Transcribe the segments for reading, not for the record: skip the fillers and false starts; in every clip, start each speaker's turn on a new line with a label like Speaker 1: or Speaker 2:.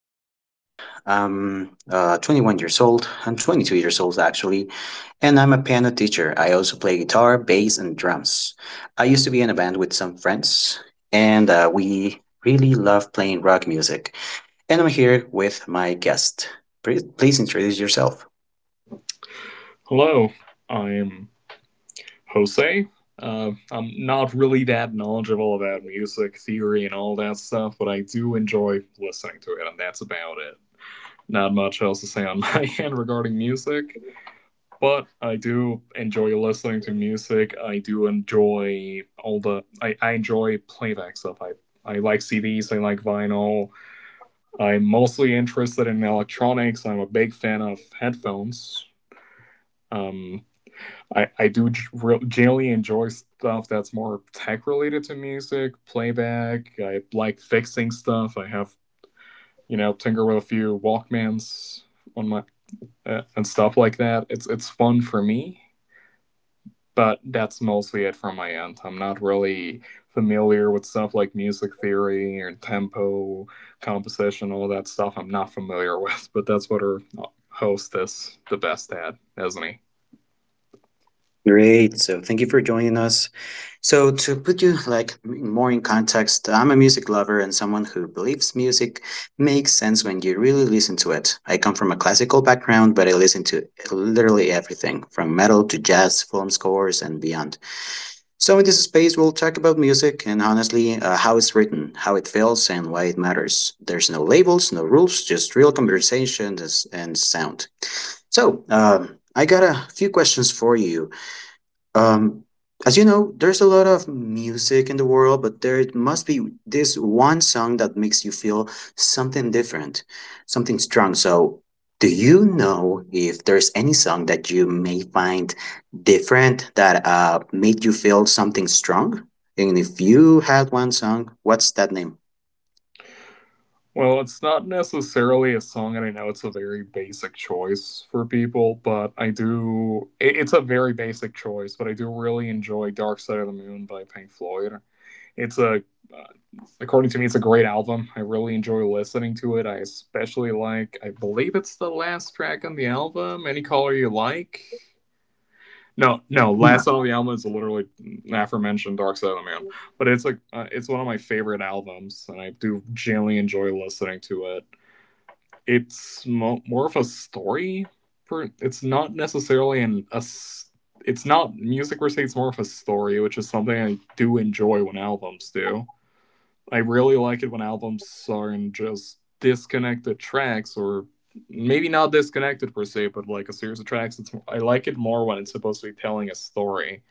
Speaker 1: to you guys. I'm 21 years old. I'm 22 years old, actually, and I'm a piano teacher. I also play guitar, bass, and drums. I used to be in a band with some friends, and we really love playing rock music. And I'm here with my guest. Please introduce yourself.
Speaker 2: hello, I am Jose. I'm not really that knowledgeable about music theory and all that stuff, but I do enjoy listening to it, and that's about it. Not much else to say on my end regarding music, but I do enjoy listening to music. I do enjoy all the. I enjoy playback stuff. I like CDs, I like vinyl. I'm mostly interested in electronics. I'm a big fan of headphones. Um, I do generally enjoy stuff that's more tech related to music, playback. I like fixing stuff. I have tinker with a few Walkmans on my and stuff like that. It's fun for me, but that's mostly it from my end. I'm not really familiar with stuff like music theory or tempo, composition, all that stuff. I'm not familiar with, but that's what our host is the best at, isn't he?
Speaker 1: Great. So thank you for joining us. So to put you like more in context, I'm a music lover and someone who believes music makes sense when you really listen to it. I come from a classical background, but I listen to literally everything from metal to jazz, film scores and beyond. So in this space, we'll talk about music and, honestly, how it's written, how it feels and why it matters. There's no labels, no rules, just real conversation and sound. So, I got a few questions for you. Um, as you know, there's a lot of music in the world, but there must be this one song that makes you feel something different, something strong. So, do you know if there's any song that you may find different that made you feel something strong? And if you had one song, what's that name?
Speaker 2: Well, it's not necessarily a song, and I know it's a very basic choice for people, but It's a very basic choice, but I do really enjoy "Dark Side of the Moon" by Pink Floyd. It's a, uh, According to me, it's a great album. I really enjoy listening to it. I especially like, I believe it's the last track on the album, "Any Color You Like." No, no,
Speaker 1: Yeah.
Speaker 2: last song on the album is literally aforementioned "Dark Side of the Moon." But it's like it's one of my favorite albums, and I do generally enjoy listening to it. It's more of a story. It's not necessarily an a. It's not music per se. It's more of a story, which is something I do enjoy when albums do. I really like it when albums are in just disconnected tracks, or maybe not disconnected per se, but like a series of tracks. It's I like it more when it's supposed to be telling a story,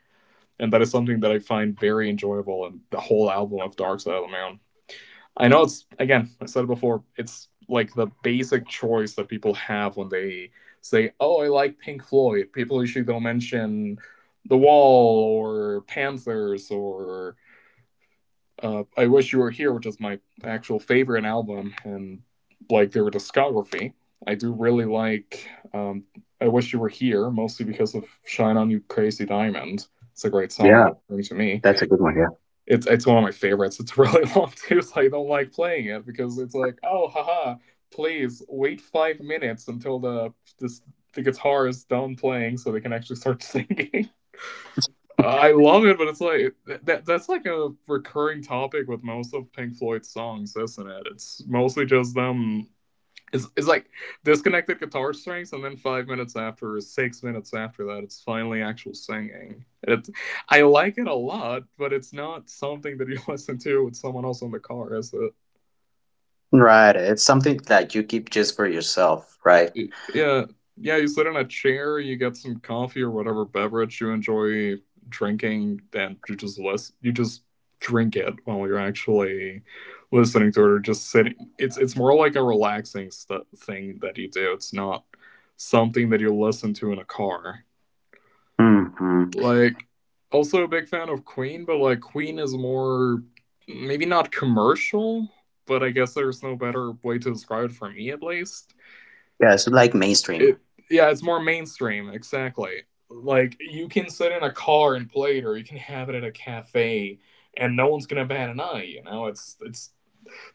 Speaker 2: and that is something that I find very enjoyable in the whole album of Dark Side of the Moon. I know it's, again, I said it before, it's like the basic choice that people have when they say, "Oh, I like Pink Floyd." People usually don't mention The Wall or Panthers or I Wish You Were Here, which is my actual favorite album and like their discography. I do really like I Wish You Were Here, mostly because of Shine On You Crazy Diamond. It's a great song, to me. It's one of my favorites. It's really long too, so I don't like playing it because it's like, oh, haha, please wait 5 minutes until this the guitar is done playing so they can actually start singing. I love it, but it's like that's like a recurring topic with most of Pink Floyd's songs, isn't it? It's mostly just them. It's like disconnected guitar strings, and then 5 minutes after, or 6 minutes after that, it's finally actual singing. It's I like it a lot, but it's not something that you listen to with someone else in the car, is it?
Speaker 1: Right, it's something that you keep just for yourself, right?
Speaker 2: Yeah, yeah, you sit in a chair, you get some coffee or whatever beverage you enjoy drinking, and you just drink it while you're actually listening to it or just sitting. It's more like a relaxing thing that you do. It's not something that you listen to in a car.
Speaker 1: Mm-hmm.
Speaker 2: Like, also a big fan of Queen, but like Queen is more maybe not commercial, but I guess there's no better way to describe it for me, at least.
Speaker 1: Yeah, it's like mainstream.
Speaker 2: It, yeah, it's more mainstream, exactly. Like you can sit in a car and play it, or you can have it at a cafe, and no one's gonna bat an eye. You know, it's it's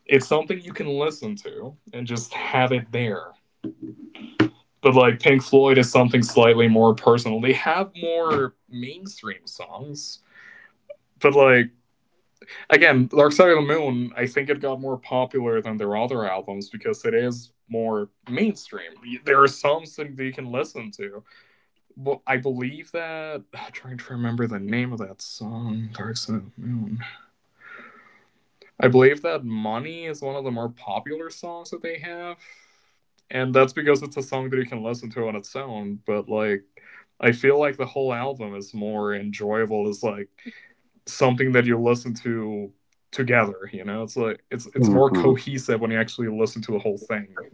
Speaker 2: it's something you can listen to and just have it there. But like Pink Floyd is something slightly more personal. They have more mainstream songs, but like, again, Dark Side of the Moon, I think it got more popular than their other albums because it is more mainstream. There are songs that you can listen to. Well, I believe that I'm trying to remember the name of that song, Dark Side of the Moon. I believe that Money is one of the more popular songs that they have. And that's because it's a song that you can listen to on its own, but like I feel like the whole album is more enjoyable as like something that you listen to together, you know? It's like it's more
Speaker 1: hmm
Speaker 2: cohesive when you actually listen to the whole thing.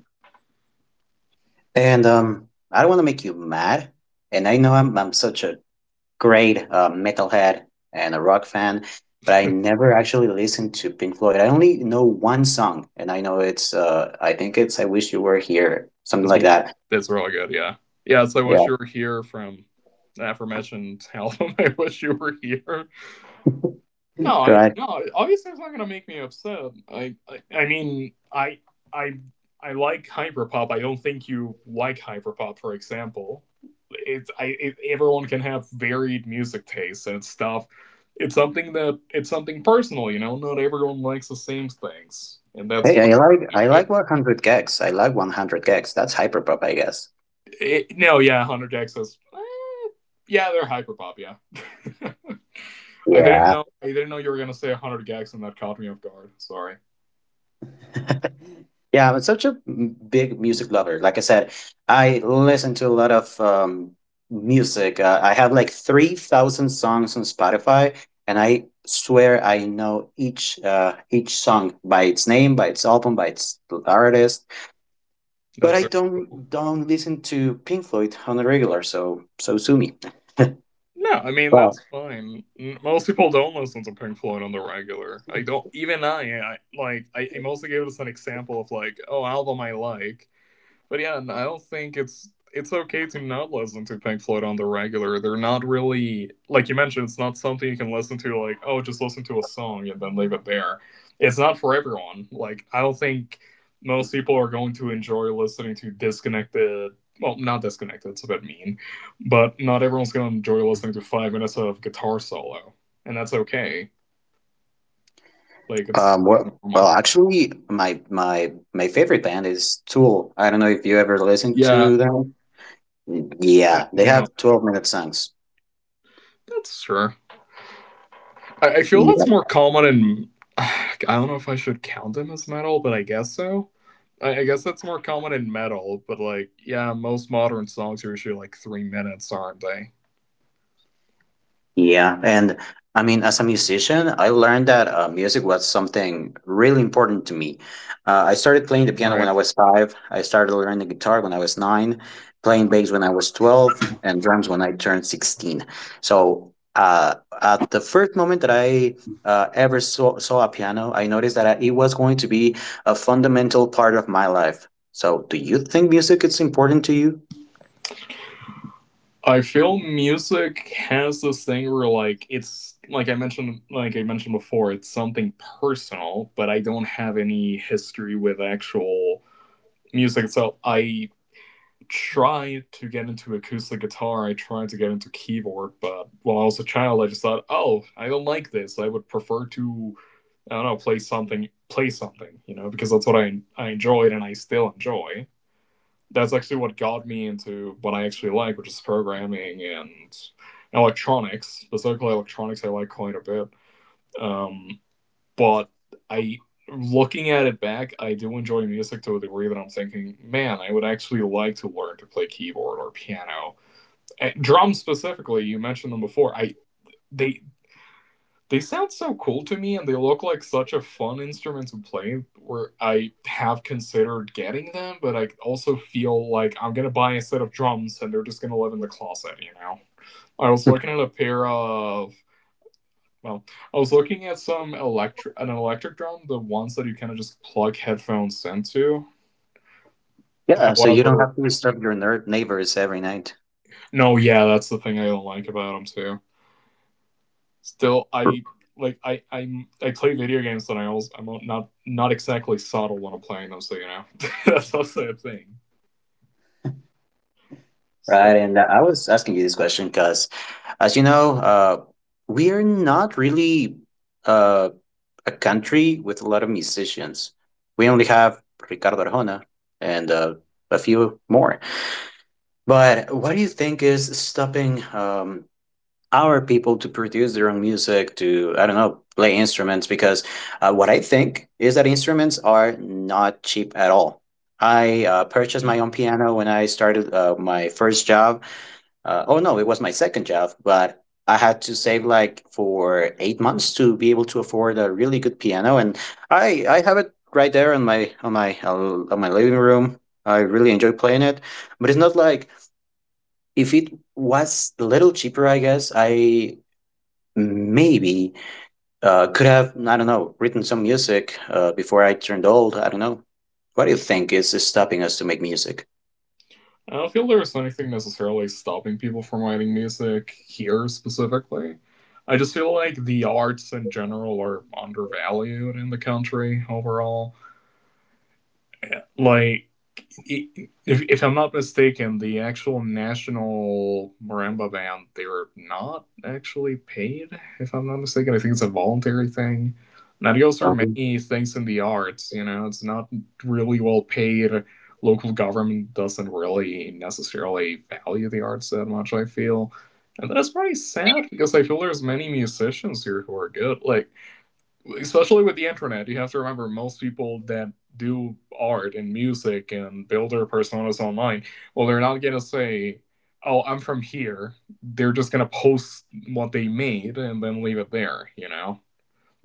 Speaker 1: And I don't want to make you mad. And I know I'm such a great metalhead and a rock fan, but I never actually listened to Pink Floyd. I only know one song, and I know it's, I think it's "I Wish You Were Here," something
Speaker 2: That's
Speaker 1: like
Speaker 2: my.
Speaker 1: that.
Speaker 2: That's really good. Yeah, yeah. It's I Wish
Speaker 1: Yeah,
Speaker 2: You Were Here from the aforementioned album. I wish you were here. No, I
Speaker 1: right.
Speaker 2: no. Obviously, it's not gonna make me upset. I mean, I I like hyperpop. I don't think you like hyperpop, for example. Everyone can have varied music tastes and stuff. It's something personal. Not everyone likes the same things, and that's
Speaker 1: Hey,
Speaker 2: fine.
Speaker 1: I like
Speaker 2: I
Speaker 1: I
Speaker 2: feel.
Speaker 1: like 100 gigs. I like 100 gigs. That's hyperpop, I guess.
Speaker 2: No, yeah, Hunter Jack "Eh, Yeah, they're hyperpop. Yeah, I didn't
Speaker 1: Yeah,
Speaker 2: know. I didn't know you were gonna say 100 gags, and that caught me off guard. Sorry.
Speaker 1: yeah, I'm such a big music lover. Like I said, I listen to a lot of music. I have like 3,000 songs on Spotify, and I swear I know each song by its name, by its album, by its artist. But
Speaker 2: That's
Speaker 1: I
Speaker 2: okay. Cool.
Speaker 1: don't don't listen to Pink Floyd on a regular, so sue me.
Speaker 2: No, I mean,
Speaker 1: Well,
Speaker 2: that's fine. Most people don't listen to Pink Floyd on the regular. I don't. Even I like. I mostly gave us an example of like, oh, album I like. But yeah, I don't think it's okay to not listen to Pink Floyd on the regular. They're not really, like you mentioned. It's not something you can listen to, like, oh, just listen to a song and then leave it there. It's not for everyone. Like I don't think most people are going to enjoy listening to disconnected. Well, not disconnected. It's a bit mean, but not everyone's going to enjoy listening to 5 minutes of guitar solo, and that's okay. Like, it's
Speaker 1: um, well, well,
Speaker 2: normal.
Speaker 1: actually, my favorite band is Tool. I don't know if you ever listened
Speaker 2: Yeah,
Speaker 1: to them. Yeah, they
Speaker 2: you
Speaker 1: have
Speaker 2: know
Speaker 1: 12-minute songs.
Speaker 2: that's sure. I feel
Speaker 1: Yeah.
Speaker 2: that's more common in. I don't know if I should count them as metal, but I guess so. I guess that's more common in metal, but like, yeah, most modern songs are usually like 3 minutes, aren't they?
Speaker 1: Yeah, and I mean, as a musician, I learned that music was something really important to me. I started playing the piano when
Speaker 2: Right.
Speaker 1: I was 5. I started learning guitar when I was 9, playing bass when I was 12, and drums when I turned 16. So, at the first moment that I ever saw a piano, I noticed that it was going to be a fundamental part of my life. So, do you think music is important to you?
Speaker 2: I feel music has this thing where, like it's like I mentioned before, it's something personal, but I don't have any history with actual music itself. I tried to get into acoustic guitar, I tried to get into keyboard, but while I was a child, I just thought, oh, I don't like this. I would prefer to, I don't know, play something, play something, because that's what I enjoyed and I still enjoy. That's actually what got me into what I actually like, which is programming and electronics, specifically electronics, I like quite a bit. Um, but I looking at it back, I do enjoy music to a degree that I'm thinking, man, I would actually like to learn to play keyboard or piano. And drums specifically, you mentioned them before. I they they sound so cool to me, and they look like such a fun instrument to play, where I have considered getting them, but I also feel like I'm gonna buy a set of drums and they're just gonna live in the closet, you know? I was looking at a pair of well, I was looking at some electric an electric drum, the ones that you kind of just plug headphones into.
Speaker 1: Yeah, so you don't have
Speaker 2: However,
Speaker 1: to disturb your neighbors every night,
Speaker 2: no, yeah, that's the thing I don't like about them too. Still, I play video games, and I'm not exactly subtle when I'm playing them, so that's also a thing. So
Speaker 1: right? And I was asking you this question because, as you know, we are not really uh, a country with a lot of musicians. We only have Ricardo Arjona and a few more. But what do you think is stopping our people to produce their own music, to, I don't know, play instruments, because what I think is that instruments are not cheap at all. I purchased my
Speaker 2: no,
Speaker 1: own piano when I started my first job, oh no, it was my second job, but I had to save like for 8 months to be able to afford a really good piano. And I have it right there on my living room. I really enjoy playing it, but it's not like if it was a little cheaper, I guess I maybe could have, I don't know, written some music before I turned old. I don't know. What do you think is stopping us to make music?
Speaker 2: I don't feel there was anything necessarily stopping people from writing music here specifically. I just feel like the arts in general are undervalued in the country overall. Like, if I'm not mistaken, the actual national marimba band, they're not actually paid. If I'm not mistaken, I think it's a voluntary thing. Now, there also are
Speaker 1: Um,
Speaker 2: many things in the arts. You know, it's not really well paid. Local government doesn't really necessarily value the arts that much, I feel, and that's pretty sad because I feel there's many musicians here who are good. Like, especially with the internet, you have to remember most people that do art and music and build their personas online, well, they're not gonna say, "Oh, I'm from here." They're just gonna post what they made and then leave it there. You know,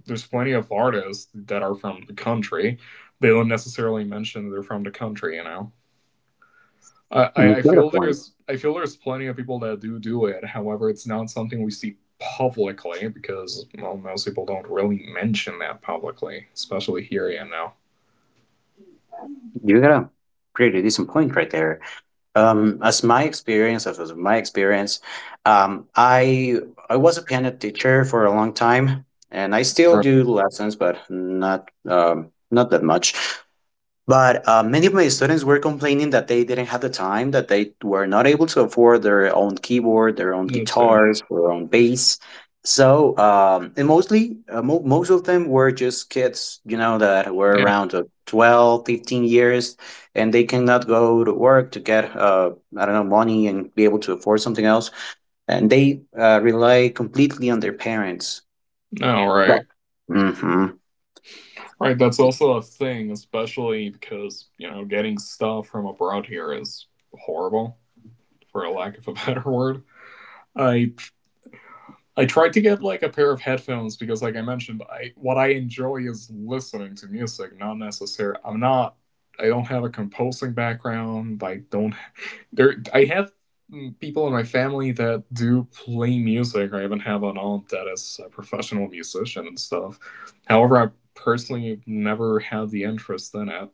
Speaker 2: there's plenty of artists that are from the country. They don't necessarily mention they're from the country, you know.
Speaker 1: and
Speaker 2: I,
Speaker 1: you
Speaker 2: I
Speaker 1: got a
Speaker 2: feel
Speaker 1: point.
Speaker 2: there's plenty of people that do do it. However, it's not something we see publicly because, well, most people don't really mention that publicly, especially here and now.
Speaker 1: You got a pretty decent point right there. As was my experience, um, I I was a piano teacher for a long time, and I still
Speaker 2: Right.
Speaker 1: do lessons, but not that much. But many of my students were complaining that they didn't have the time, that they were not able to afford their own keyboard, their own
Speaker 2: That's it.
Speaker 1: guitars, their own bass. So, and mostly, most of them were just kids, you know, that were
Speaker 2: Yeah.
Speaker 1: around 12, 15 years, and they cannot go to work to get, I don't know, money and be able to afford something else. And they rely completely on their parents.
Speaker 2: No. Right.
Speaker 1: Yeah. Hmm.
Speaker 2: Right. That's also a thing, especially because you know getting stuff from abroad here is horrible, for a lack of a better word. I I tried to get like a pair of headphones because, like I mentioned, I what I enjoy is listening to music, not necessarily. I'm not. I don't have a composing background. I don't. There. I have people in my family that do play music. I even have an aunt that is a professional musician and stuff. However, I personally never had the interest in it.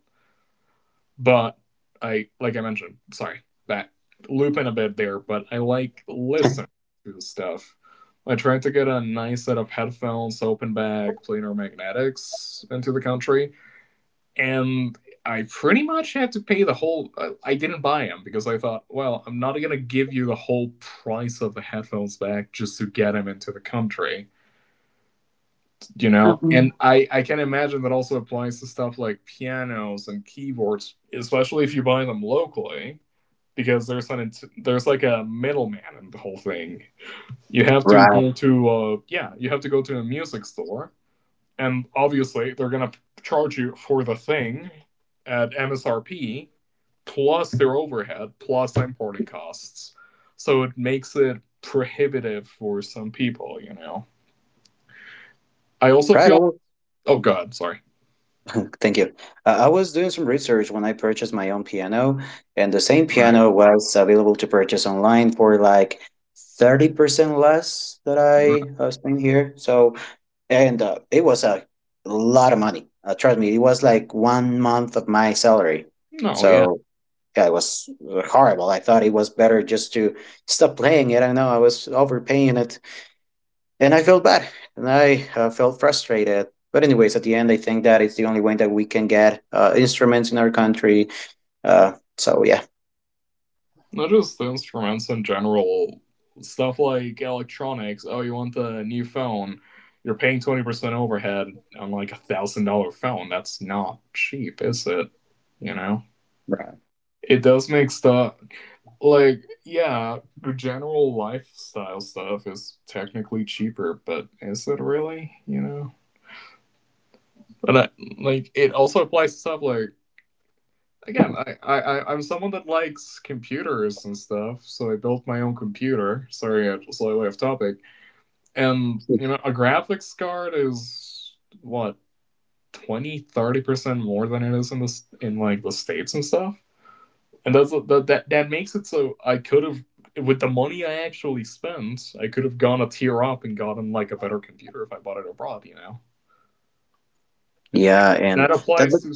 Speaker 2: But I, like I mentioned, sorry, back looping a bit there, but I like listening to stuff. I tried to get a nice set of headphones, open back, planar magnetics into the country, and I pretty much had to pay the whole. I didn't buy them because I thought, well, I'm not gonna give you the whole price of the headphones back just to get them into the country, you know. And I can imagine that also applies to stuff like pianos and keyboards, especially if you buy them locally because there's an there's like a middleman in the whole thing. You have to
Speaker 1: Right,
Speaker 2: go to yeah, you have to go to a music store, and obviously they're gonna charge you for the thing at MSRP plus their overhead plus importing costs. So it makes it prohibitive for some people, you know. I also
Speaker 1: right.
Speaker 2: feel, oh god, sorry.
Speaker 1: Thank you. I was doing some research when I purchased my own piano, and the same
Speaker 2: Right.
Speaker 1: piano was available to purchase online for like 30% less that I
Speaker 2: Right.
Speaker 1: spent here. So, and it was a lot of money. Trust me, it was like 1 month of my salary.
Speaker 2: No, yeah.
Speaker 1: So, yeah, it was horrible. I thought it was better just to stop playing it. I know I was overpaying it. And I felt bad and I felt frustrated. But, anyways, at the end, I think that it's the only way that we can get instruments in our country. So, yeah.
Speaker 2: Not just instruments in general. Stuff like electronics. Oh, you want the new phone? You're paying 20% overhead on like a $1,000 phone. That's not cheap, is it? You know,
Speaker 1: Right.
Speaker 2: it does make stuff like, yeah, the general lifestyle stuff is technically cheaper, but is it really? You know, but I, like it also applies to stuff like, again, I'm someone that likes computers and stuff, so I built my own computer. Sorry, I slightly off topic. And, you know, a graphics card is, what, 20, 30% more than it is in, the in like, the States and stuff? And that makes it so I could have, with the money I actually spent, I could have gone a tier up and gotten, like, a better computer if I bought it abroad, you know?
Speaker 1: Yeah. And
Speaker 2: That
Speaker 1: that.
Speaker 2: applies to.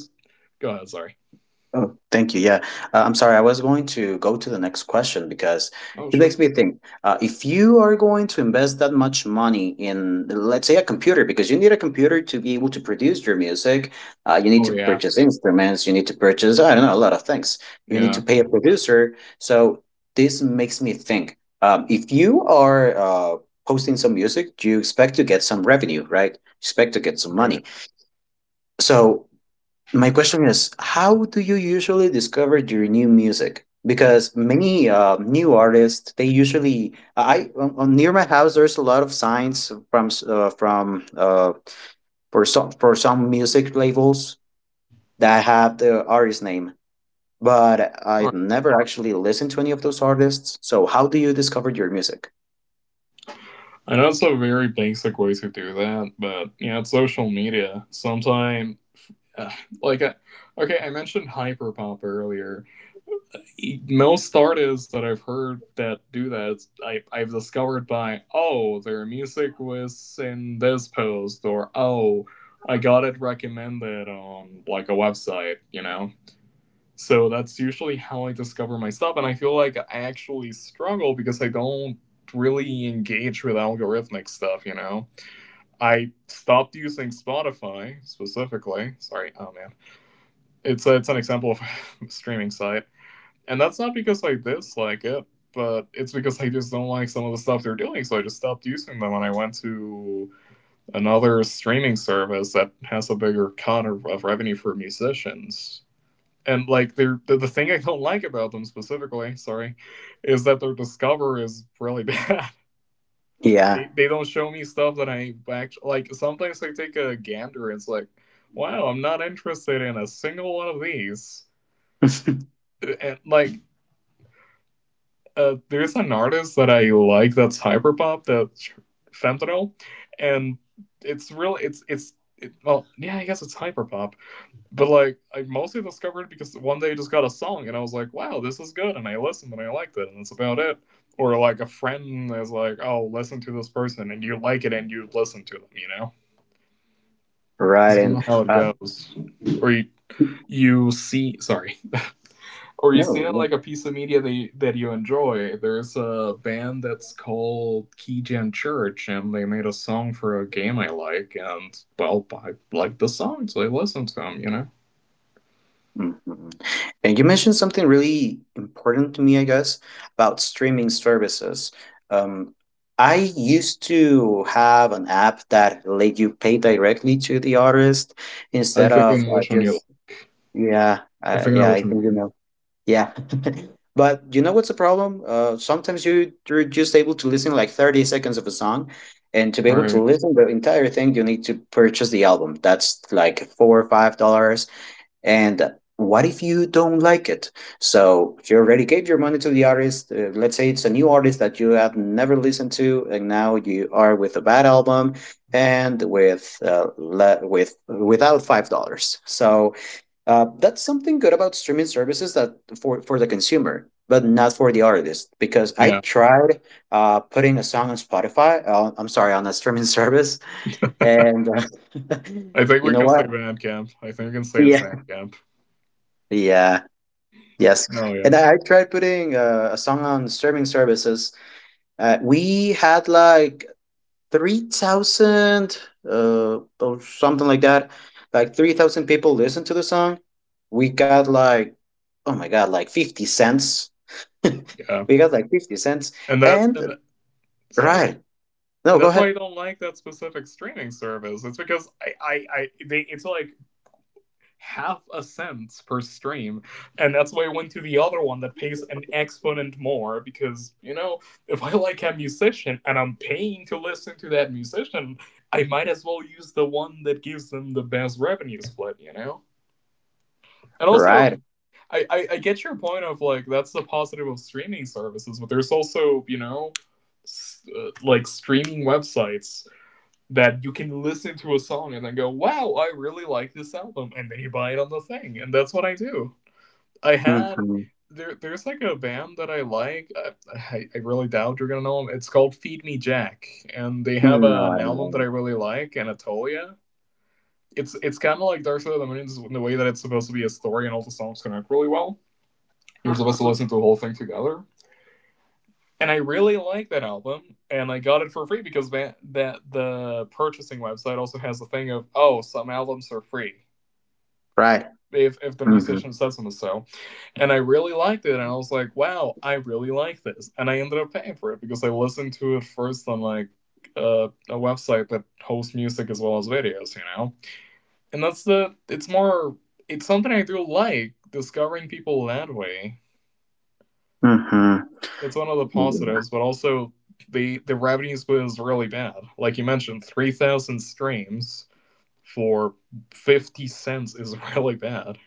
Speaker 2: Go ahead, sorry.
Speaker 1: Oh, thank you. Yeah, I'm sorry. I was going to go to the next question because
Speaker 2: Oh,
Speaker 1: it
Speaker 2: sure.
Speaker 1: makes me think. If you are going to invest that much money in, let's say, a computer, because you need a computer to be able to produce your music, you need
Speaker 2: Oh,
Speaker 1: to
Speaker 2: yeah.
Speaker 1: purchase instruments, you need to purchase, I don't know, a lot of things. You need to
Speaker 2: Yeah,
Speaker 1: pay a producer. So this makes me think. If you are posting some music, you expect to get some revenue, right? You expect to get some
Speaker 2: right.
Speaker 1: money. So my question is, how do you usually discover your new music, because many new artists they usually, near my house there's a lot of signs from s- from for some music labels that have the artist name, but I've never actually listened to any of those artists. So how do you discover your music?
Speaker 2: I know it's a very basic way to do that, but yeah, it's social media. Sometimes, uh, like, okay, I mentioned hyperpop earlier. Most artists that I've heard that do that, I've discovered by, oh, their music was in this post, or oh, I got it recommended on, like, a website, you know? So that's usually how I discover my stuff, and I feel like I actually struggle because I don't really engage with algorithmic stuff, you know? I stopped using Spotify specifically. Sorry, oh man, it's an example of a streaming site, and that's not because I dislike it, but it's because I just don't like some of the stuff they're doing, so I just stopped using them, and I went to another streaming service that has a bigger cut of revenue for musicians. And like they're, the thing I don't like about them specifically, sorry, is that their Discover is really bad.
Speaker 1: Yeah.
Speaker 2: They don't show me stuff that I actually like. Sometimes I take a gander. It's like, wow, I'm not interested in a single one of these. And like, there's an artist that I like that's hyperpop, that's fentanyl, and it's really, well yeah, I guess it's hyperpop, but like I mostly discovered it because one day I just got a song and I was like, wow, this is good, and I listened and I liked it, and that's about it. Or like a friend is like, oh, listen to this person, and you like it, and you listen to them, you know.
Speaker 1: Right,
Speaker 2: It's you
Speaker 1: and
Speaker 2: know how it
Speaker 1: uh,
Speaker 2: goes. Or you see, sorry, you
Speaker 1: no.
Speaker 2: see it
Speaker 1: Yeah.
Speaker 2: like a piece of media that you enjoy. There's a band that's called Keygen Church, and they made a song for a game I like, and well, I like the song, so I listen to them. You know,
Speaker 1: Mhm. And you mentioned something really important to me, I guess, about streaming services. Um, I used to have an app that let you pay directly to the artist
Speaker 2: I
Speaker 1: instead
Speaker 2: think I
Speaker 1: of
Speaker 2: know which one you like.
Speaker 1: just, yeah,
Speaker 2: I think I know
Speaker 1: yeah.
Speaker 2: which
Speaker 1: I
Speaker 2: one you
Speaker 1: think you
Speaker 2: mean.
Speaker 1: know, yeah. But you know what's the problem? Sometimes you're just able to listen like 30 seconds of a song, and to be
Speaker 2: All
Speaker 1: able to
Speaker 2: right.
Speaker 1: listen the entire thing, you need to purchase the album. That's like $4 or $5, and what if you don't like it? So you already gave your money to the artist. Let's say it's a new artist that you have never listened to, and now you are with a bad album and with with without $5. So that's something good about streaming services, that for the consumer, but not for the artist. Because I
Speaker 2: Yeah.
Speaker 1: tried putting a song on Spotify. I'm sorry, on a streaming service, and
Speaker 2: I think
Speaker 1: you
Speaker 2: we
Speaker 1: know
Speaker 2: can
Speaker 1: what?
Speaker 2: say Bandcamp. I think we can say it's
Speaker 1: Yeah.
Speaker 2: Bandcamp.
Speaker 1: Yeah, yes,
Speaker 2: No, yeah,
Speaker 1: and I tried putting a song on streaming services. We had like 3,000 or something like that. Like 3,000 people listened to the song. We got like, oh my god, like 50 cents.
Speaker 2: yeah.
Speaker 1: We got like 50 cents.
Speaker 2: And that's
Speaker 1: And
Speaker 2: and sorry.
Speaker 1: right, no,
Speaker 2: And
Speaker 1: go
Speaker 2: that's why
Speaker 1: ahead.
Speaker 2: I don't like that specific streaming service. It's because I they it's like half a cent per stream. And that's why I went to the other one that pays an exponent more because, you know, if I like a musician and I'm paying to listen to that musician, I might as well use the one that gives them the best revenue split, you know? And also,
Speaker 1: Right.
Speaker 2: I get your point of like, that's the positive of streaming services, but there's also, you know, like streaming websites that you can listen to a song and then go, wow, I really like this album. And then you buy it on the thing. And that's what I do. I had.
Speaker 1: Mm-hmm.
Speaker 2: There's like a band that I like, really doubt you're gonna know them. It's called Feed Me Jack, and they have
Speaker 1: No, I
Speaker 2: an
Speaker 1: don't
Speaker 2: album that
Speaker 1: know.
Speaker 2: I really like, Anatolia. It's kind of like Dark Side of the Moon in the way that it's supposed to be a story, and all the songs connect really well. You're supposed to
Speaker 1: Uh-huh.
Speaker 2: listen to the whole thing together, and I really like that album, and I got it for free because that, the purchasing website also has the thing of, oh, some albums are free
Speaker 1: Right.
Speaker 2: if the
Speaker 1: Mm-hmm.
Speaker 2: musician says them so. And I really liked it, and I was like, wow, I really like this, and I ended up paying for it because I listened to it first on like a website that hosts music as well as videos, you know. And that's the, it's more, it's something I do, like discovering people that way.
Speaker 1: Mm-hmm.
Speaker 2: That's one of the positives, but also the revenues was really bad. Like you mentioned, 3,000 streams for 50 cents is really bad.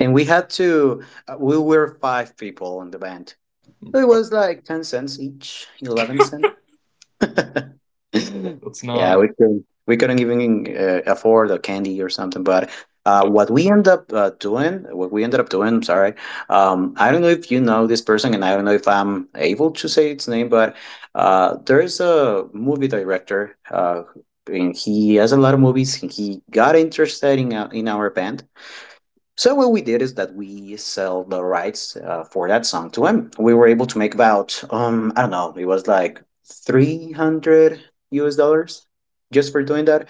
Speaker 1: And we had to. We were five people in the band. It was like 10 cents each, 11 cent.
Speaker 2: That's
Speaker 1: Yeah,
Speaker 2: not,
Speaker 1: we couldn't even afford a candy or something. But what we end up doing, what we ended up doing, I'm sorry, I don't know if you know this person, and I don't know if I'm able to say its name, but there is a movie director. And he has a lot of movies. And he got interested in our band, so what we did is that we sell the rights for that song to him. We were able to make about, I don't know, it was like 300 US dollars just for doing that.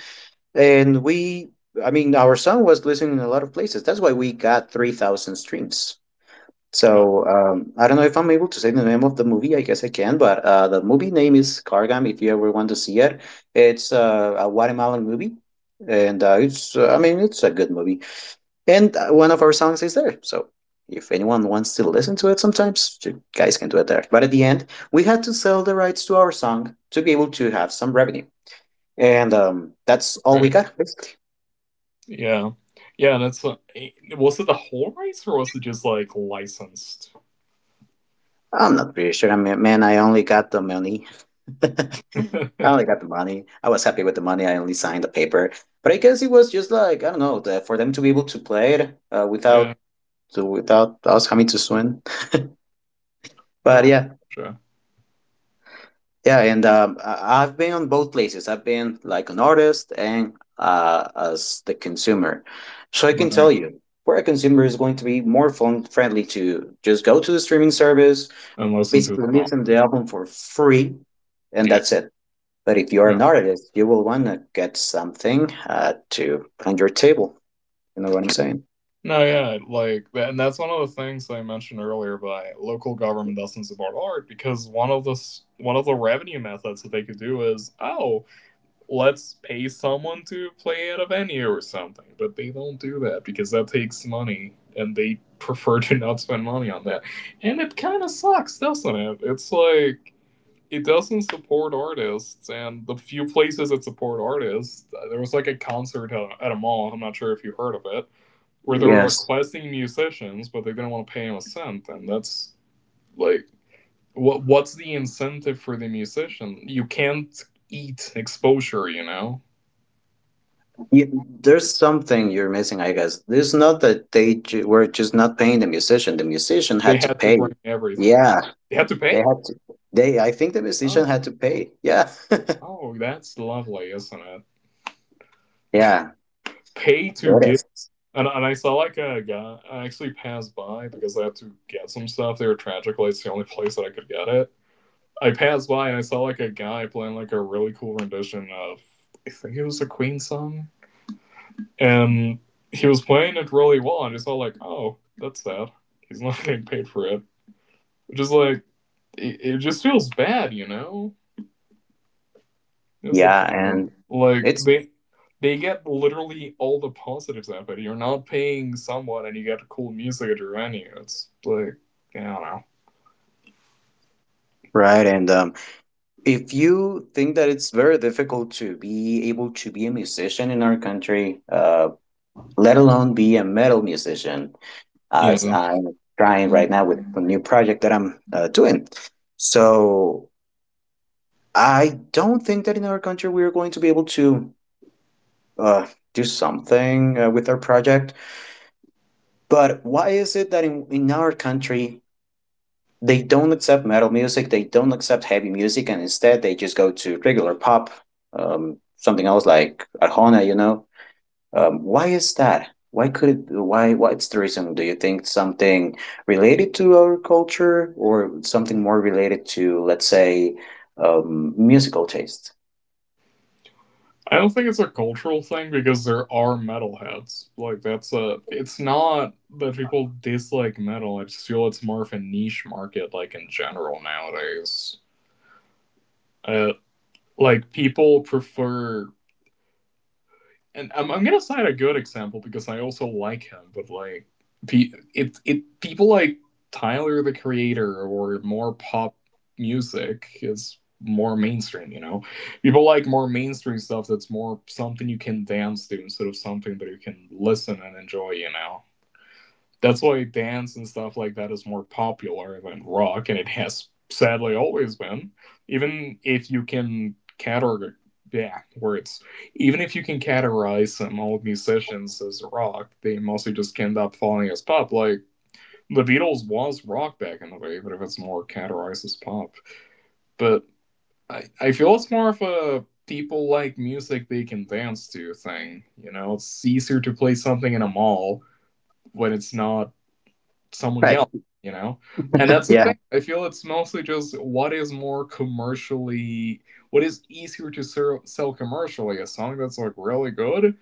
Speaker 1: And we, I mean, our song was listening in a lot of places. That's why we got 3,000 streams.
Speaker 2: uh,
Speaker 1: So I don't know if I'm able to say the name of the movie. I guess I can, but the movie name is Cargam. If you ever want to see it, it's a Guatemalan movie, and it's I mean, it's a good movie and one of our songs is there. So if anyone wants to listen to it, sometimes you guys can do it there. But at the end, we had to sell the rights to our song to be able to have some revenue, and that's all we
Speaker 2: right.
Speaker 1: got.
Speaker 2: Yeah, yeah, and it's, was it the whole race or was it just like licensed?
Speaker 1: I'm not pretty sure. I mean, man, I only got the money. I only got the money. I was happy with the money. I only signed the paper, but I guess it was just like, I don't know, the, for them to be able to play it without
Speaker 2: Yeah,
Speaker 1: without us having to swim. But
Speaker 2: no,
Speaker 1: yeah,
Speaker 2: sure,
Speaker 1: yeah, and I've been on both places. I've been like an artist and as the consumer. So I can tell
Speaker 2: right.
Speaker 1: you, for a consumer, is going to be more fun friendly to just go to the streaming service,
Speaker 2: And listen to a
Speaker 1: basically
Speaker 2: song.
Speaker 1: listen to the album for free, and
Speaker 2: Yeah,
Speaker 1: that's it. But if you're
Speaker 2: yeah.
Speaker 1: an artist, you will want to get something to on your table. You know what I'm saying?
Speaker 2: No, yeah, like, and that's one of the things that I mentioned earlier. By local government doesn't support art because one of the one of the revenue methods that they could do is, oh, let's pay someone to play at a venue or something. But they don't do that because that takes money, and they prefer to not spend money on that. And it kind of sucks, doesn't it? It's like it doesn't support artists, and the few places that support artists, there was like a concert at a mall. I'm not sure if you heard of it where they were
Speaker 1: Yes.
Speaker 2: requesting musicians, but they didn't want to pay him a cent, and that's like, what's the incentive for the musician? You can't eat exposure, you know.
Speaker 1: Yeah, there's something you're missing, I guess. It's not that they were just not paying the musician. The musician
Speaker 2: They
Speaker 1: had to
Speaker 2: had to
Speaker 1: pay.
Speaker 2: bring everything.
Speaker 1: Yeah,
Speaker 2: They had to
Speaker 1: they
Speaker 2: pay.
Speaker 1: had to. I think the musician
Speaker 2: Oh,
Speaker 1: had to pay. Yeah,
Speaker 2: oh, that's lovely, isn't it?
Speaker 1: yeah,
Speaker 2: Pay to
Speaker 1: it
Speaker 2: give.
Speaker 1: is.
Speaker 2: And, I saw like a guy. I actually passed by because I had to get some stuff. They were tragically lights, the only place that I could get it. I passed by and I saw like a guy playing like a really cool rendition of I think it was a Queen song. And he was playing it really well, and it's all like, oh, that's sad. He's not getting paid for it. Which is like, it just feels bad, you know? Is the
Speaker 1: Yeah,
Speaker 2: problem.
Speaker 1: and
Speaker 2: Like,
Speaker 1: it's
Speaker 2: they get literally all the positives out of it. You're not paying someone, and you get cool music at your venue. It's like, I don't
Speaker 1: right. And if you think that it's very difficult to be able to be a musician in our country, let alone be a metal musician, as
Speaker 2: know.
Speaker 1: I'm trying right
Speaker 2: Yeah.
Speaker 1: now with a new project that I'm doing. So I don't think that in our country we're going to be able to uh, do something with our project. But why is it that in our country they don't accept metal music, they don't accept heavy music, and instead they just go to regular pop, something else like Arjona. Why is that? Why could it? Why? What's the reason? Do you think something related to our culture, or something more related to, let's say, musical taste?
Speaker 2: I don't think it's a cultural thing because there are metalheads. Like that's a. It's not that people dislike metal. I just feel it's more of a niche market, like in general nowadays. Uh, like people prefer, and I'm gonna cite a good example because I also like him, but like, pe- it people like Tyler the Creator or more pop music is more mainstream. You know, people like more mainstream stuff that's more something you can dance to instead of something that you can listen and enjoy. You know, that's why dance and stuff like that is more popular than rock, and it has sadly always been. Even if you can categorize, yeah, words. Even if you can categorize some old musicians as rock, they mostly just end up falling as pop. Like the Beatles was rock back in the day, but if it's more categorized as pop, but I feel it's more of a people like music they can dance to thing. You know, it's easier to play something in a mall when it's not someone
Speaker 1: Right.
Speaker 2: yell, you know? And that's the
Speaker 1: Yeah.
Speaker 2: thing. I feel it's mostly just what is more commercially, what is easier to sell commercially? A song that's like really good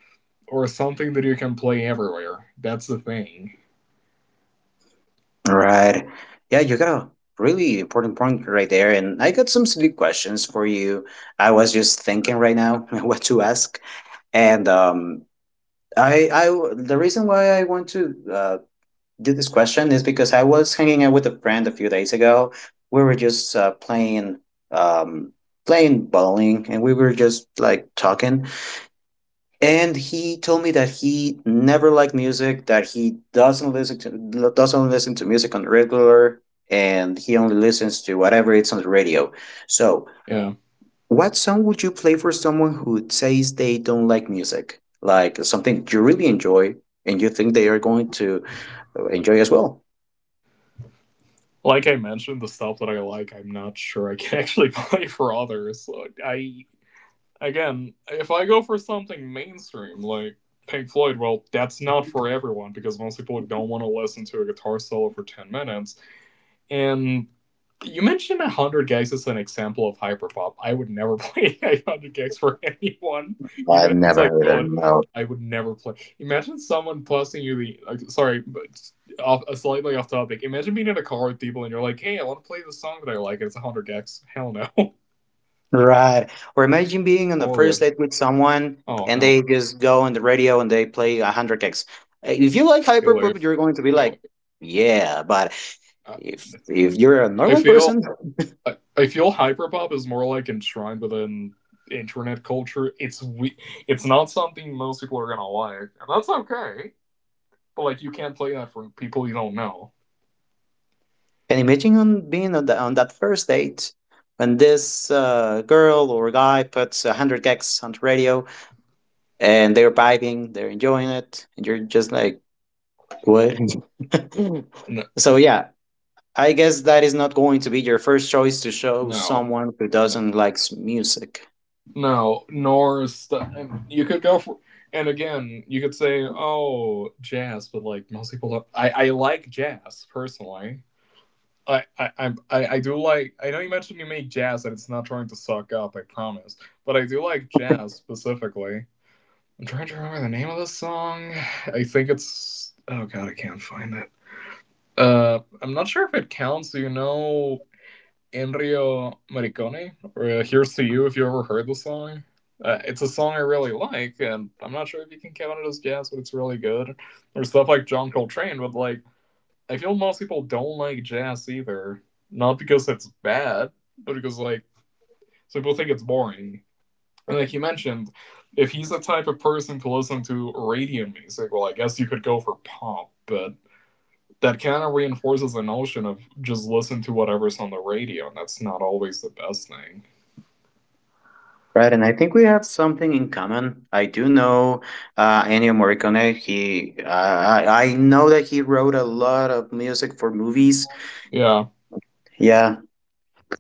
Speaker 2: or something that you can play everywhere? That's the thing.
Speaker 1: Right. Yeah, you got a really important point right there. And I got some silly questions for you. I was just thinking right now what to ask. And the reason why I want to do this question is because I was hanging out with a friend a few days ago. We were just um, playing bowling, and we were just like talking. And he told me that he never liked music, that he doesn't listen to music on the regular, and he only listens to whatever it's on the radio. So
Speaker 2: Yeah.
Speaker 1: what song would you play for someone who says they don't like music? Like something you really enjoy and you think they are going to enjoy as well?
Speaker 2: Like I mentioned, the stuff that I like, I'm not sure I can actually play for others. Again, if I go for something mainstream, like Pink Floyd, well, that's not for everyone because most people don't want to listen to a guitar solo for 10 minutes. And you mentioned 100 gigs as an example of hyperpop. I would never play 100 gigs for anyone, even
Speaker 1: I've
Speaker 2: if it's
Speaker 1: never
Speaker 2: like
Speaker 1: heard
Speaker 2: good.
Speaker 1: of no.
Speaker 2: I would never play. Imagine someone passing you the. Like, sorry, but off, slightly off topic. Imagine being in a car with people and you're like, hey, I want to play this song that I like, and it's 100 gigs. Hell no.
Speaker 1: Right. Or imagine being on the first
Speaker 2: Horrid.
Speaker 1: date with someone
Speaker 2: Oh,
Speaker 1: and
Speaker 2: hell.
Speaker 1: they just go on the radio and they play 100 gigs. If you like
Speaker 2: You'll
Speaker 1: hyperpop,
Speaker 2: leave.
Speaker 1: you're going to be
Speaker 2: You'll
Speaker 1: like, yeah, but
Speaker 2: leave.
Speaker 1: if you're a
Speaker 2: I, I
Speaker 1: normal
Speaker 2: feel.
Speaker 1: person,
Speaker 2: I feel hyperpop is more like enshrined within internet culture. It's we. It's not something most people are gonna like, and that's okay. But like, you can't play that for people you don't know.
Speaker 1: can you imagine on being on, on that first date when this girl or guy puts 100 gigs on the radio and they're vibing, they're enjoying it, and you're just like, what?
Speaker 2: No,
Speaker 1: So, yeah, I guess that is not going to be your first choice to show
Speaker 2: no,
Speaker 1: someone who
Speaker 2: no,
Speaker 1: doesn't like music.
Speaker 2: no, nor is you could go for. And again, you could say, "Oh, jazz," but like most people don't. I like jazz personally. I do like. I know you mentioned you make jazz, and it's not trying to suck up. I promise. But I do like jazz specifically. I'm trying to remember the name of the song. I think it's. Oh god, I can't find it. I'm not sure if it counts. Do you know Ennio Morricone? Here's to you. If you ever heard the song, it's a song I really like, and I'm not sure if you can count it as jazz, but it's really good. There's stuff like John Coltrane, but like I feel most people don't like jazz either, not because it's bad, but because like some people think it's boring. And like you mentioned, if he's the type of person to listen to radio music, well, I guess you could go for pop, but that kind of reinforces the notion of just listen to whatever's on the radio, and that's not always the best thing.
Speaker 1: Right, and I think we have something in common. I do know Ennio Morricone. I know that he wrote a lot of music for movies.
Speaker 2: Yeah.
Speaker 1: Yeah,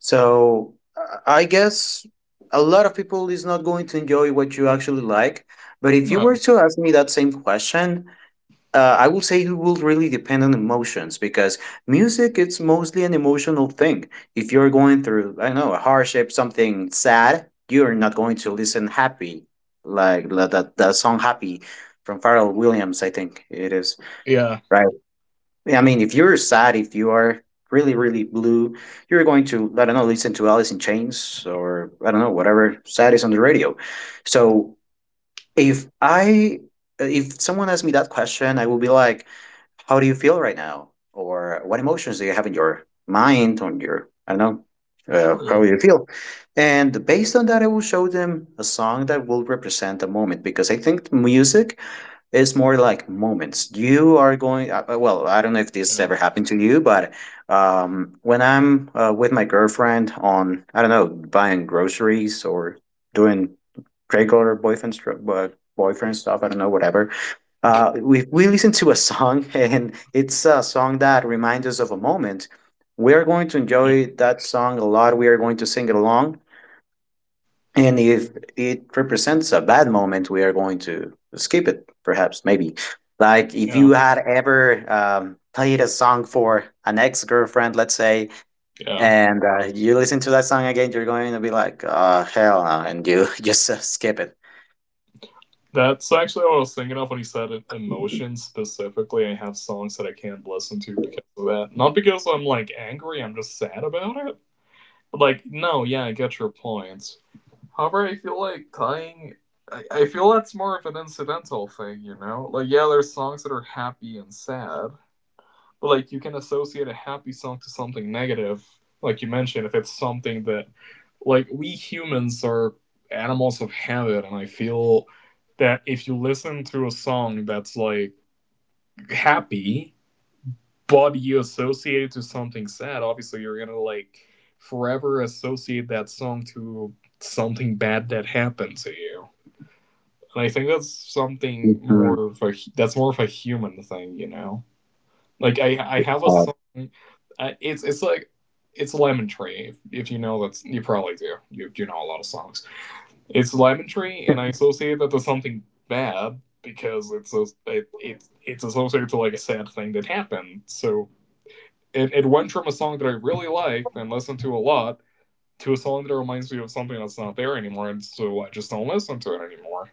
Speaker 1: so I guess a lot of people is not going to enjoy what you actually like. But if you were
Speaker 2: No.
Speaker 1: to ask me that same question, I would say it will really depend on emotions because music it's mostly an emotional thing. If you're going through, I don't know, a hardship, something sad, you're not going to listen happy like that song "Happy" from Pharrell Williams. I think it is
Speaker 2: Yeah.
Speaker 1: right. I mean, if you're sad, if you are really, really blue, you're going to, I don't know, listen to Alice in Chains or I don't know, whatever sad is on the radio. So if I if someone asked me that question, I will be like, "How do you feel right now?" Or "What emotions do you have in your mind? On your, I don't know, how
Speaker 2: True.
Speaker 1: do you feel?" And based on that, I will show them a song that will represent a moment because I think music is more like moments you are going, well, I don't know if this
Speaker 2: Yeah.
Speaker 1: ever happened to you, but when I'm with my girlfriend on, I don't know, buying groceries or doing regular boyfriend stuff, I don't know, whatever, we listened to a song and it's a song that reminds us of a moment. We are going to
Speaker 2: Yeah.
Speaker 1: enjoy that song a lot. We are going to sing it along, and if it represents a bad moment, we are going to skip it. Perhaps, maybe, like if you
Speaker 2: Yeah.
Speaker 1: had ever played a song for an ex-girlfriend, let's say,
Speaker 2: Yeah.
Speaker 1: and you listen to that song again, you're going to be like, hell no, and you just skip it.
Speaker 2: That's actually what I was thinking of when he said it, emotions specifically. I have songs that I can't listen to because of that. Not because I'm like angry, I'm just sad about it. But like, no, yeah, I get your points. However, I feel like tying. I feel that's more of an incidental thing, you know? Like, yeah, there's songs that are happy and sad, but like you can associate a happy song to something negative, like you mentioned, if it's something that like we humans are animals of habit, and I feel that if you listen to a song that's like happy, but you associate it to something sad, obviously you're gonna like forever associate that song to something bad that happened to you. And I think that's something
Speaker 1: Mhm.
Speaker 2: more of a human thing, you know. Like I have a song. It's it's Lemon Tree. If you know that's you probably do. You know a lot of songs. It's Lemon Tree, and I associate that to something bad because it's a, it's associated to like a sad thing that happened. So it went from a song that I really liked and listened to a lot to a song that reminds me of something that's not there anymore, and so I just don't listen to it anymore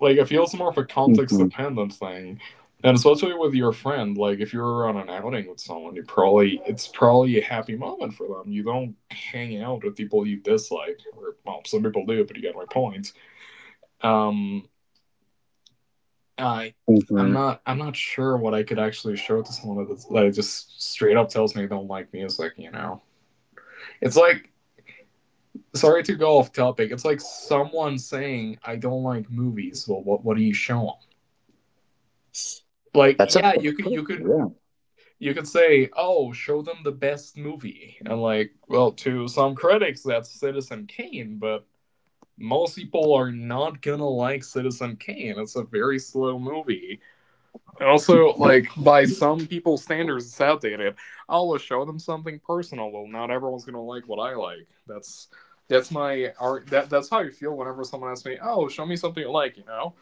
Speaker 2: like it feels more of a context
Speaker 1: Hmm.
Speaker 2: dependent thing. And especially with your friend, like if you're on an outing with someone, you probably it's probably a happy moment for them. You don't hang out with people you dislike, or well, some people do, but you get my point. Um, I
Speaker 1: Hmm.
Speaker 2: I'm not sure what I could actually show to someone that's, that just straight up tells me they don't like music. You know, it's like sorry to go off topic. It's like someone saying I don't like movies. Well, what do you show them? Like
Speaker 1: That's a
Speaker 2: yeah,
Speaker 1: yeah.
Speaker 2: you could say, "Oh, show them the best movie," and like, well, to some critics, that's Citizen Kane, but most people are not gonna like Citizen Kane. It's a very slow movie. And also, like by some people's standards, it's outdated. I'll show them something personal. Well, not everyone's gonna like what I like. That's my art. That that's how I feel whenever someone asks me, "Oh, show me something you like." You know,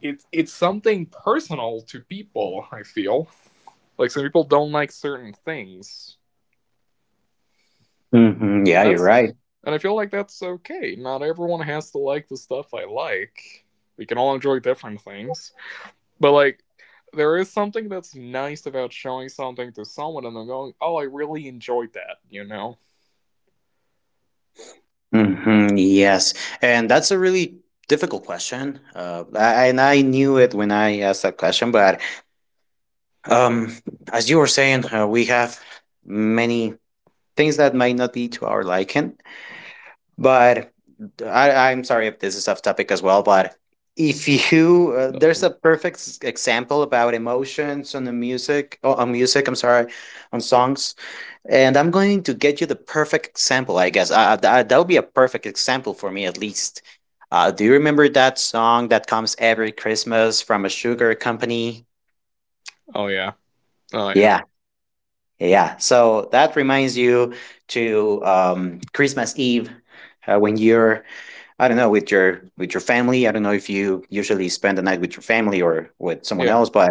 Speaker 2: it's something personal to people. I feel like some people don't like certain things,
Speaker 1: Hmm. Yeah,
Speaker 2: and
Speaker 1: you're
Speaker 2: that's yeah,
Speaker 1: right.
Speaker 2: and I feel like that's okay. Not everyone has to like the stuff I like. We can all enjoy different things. But like there is something that's nice about showing something to someone and them going, "Oh, I really enjoyed that," you know.
Speaker 1: Hmm. Yes, and that's a really difficult question. And I knew it when I asked that question, but um, as you were saying, we have many things that might not be to our liking. But I'm sorry if this is off topic as well, but if you
Speaker 2: That's
Speaker 1: there's
Speaker 2: an-
Speaker 1: a perfect example about emotions on the music, oh, on music, I'm sorry, on songs, and I'm going to get you the perfect example, I guess. That'll be a perfect example for me, at least. Do you remember that song that comes every Christmas from a sugar company?
Speaker 2: oh yeah, oh yeah,
Speaker 1: Yeah, yeah. So that reminds you to, Christmas Eve when you're, I don't know, with your family. I don't know if you usually spend the night with your family or with someone
Speaker 2: yeah.
Speaker 1: else, but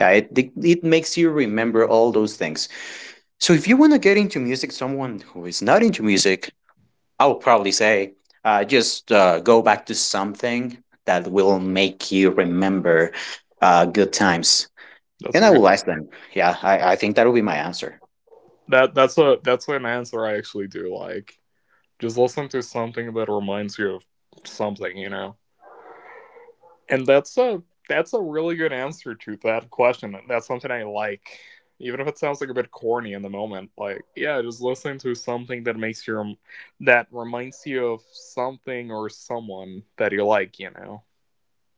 Speaker 1: yeah, it makes you remember all those things. So if you want to get into music, someone who is not into music, I would probably say just go back to something that will make you remember good times.
Speaker 2: That's
Speaker 1: And
Speaker 2: a
Speaker 1: I
Speaker 2: good.
Speaker 1: will ask them. Yeah, I think that will be my answer.
Speaker 2: That's an answer I actually do like. Just listen to something that reminds you of something, you know. And that's a really good answer to that question. That's something I like. Even if it sounds like a bit corny in the moment, like yeah, just listening to something that makes your that reminds you of something or someone that you like, you know.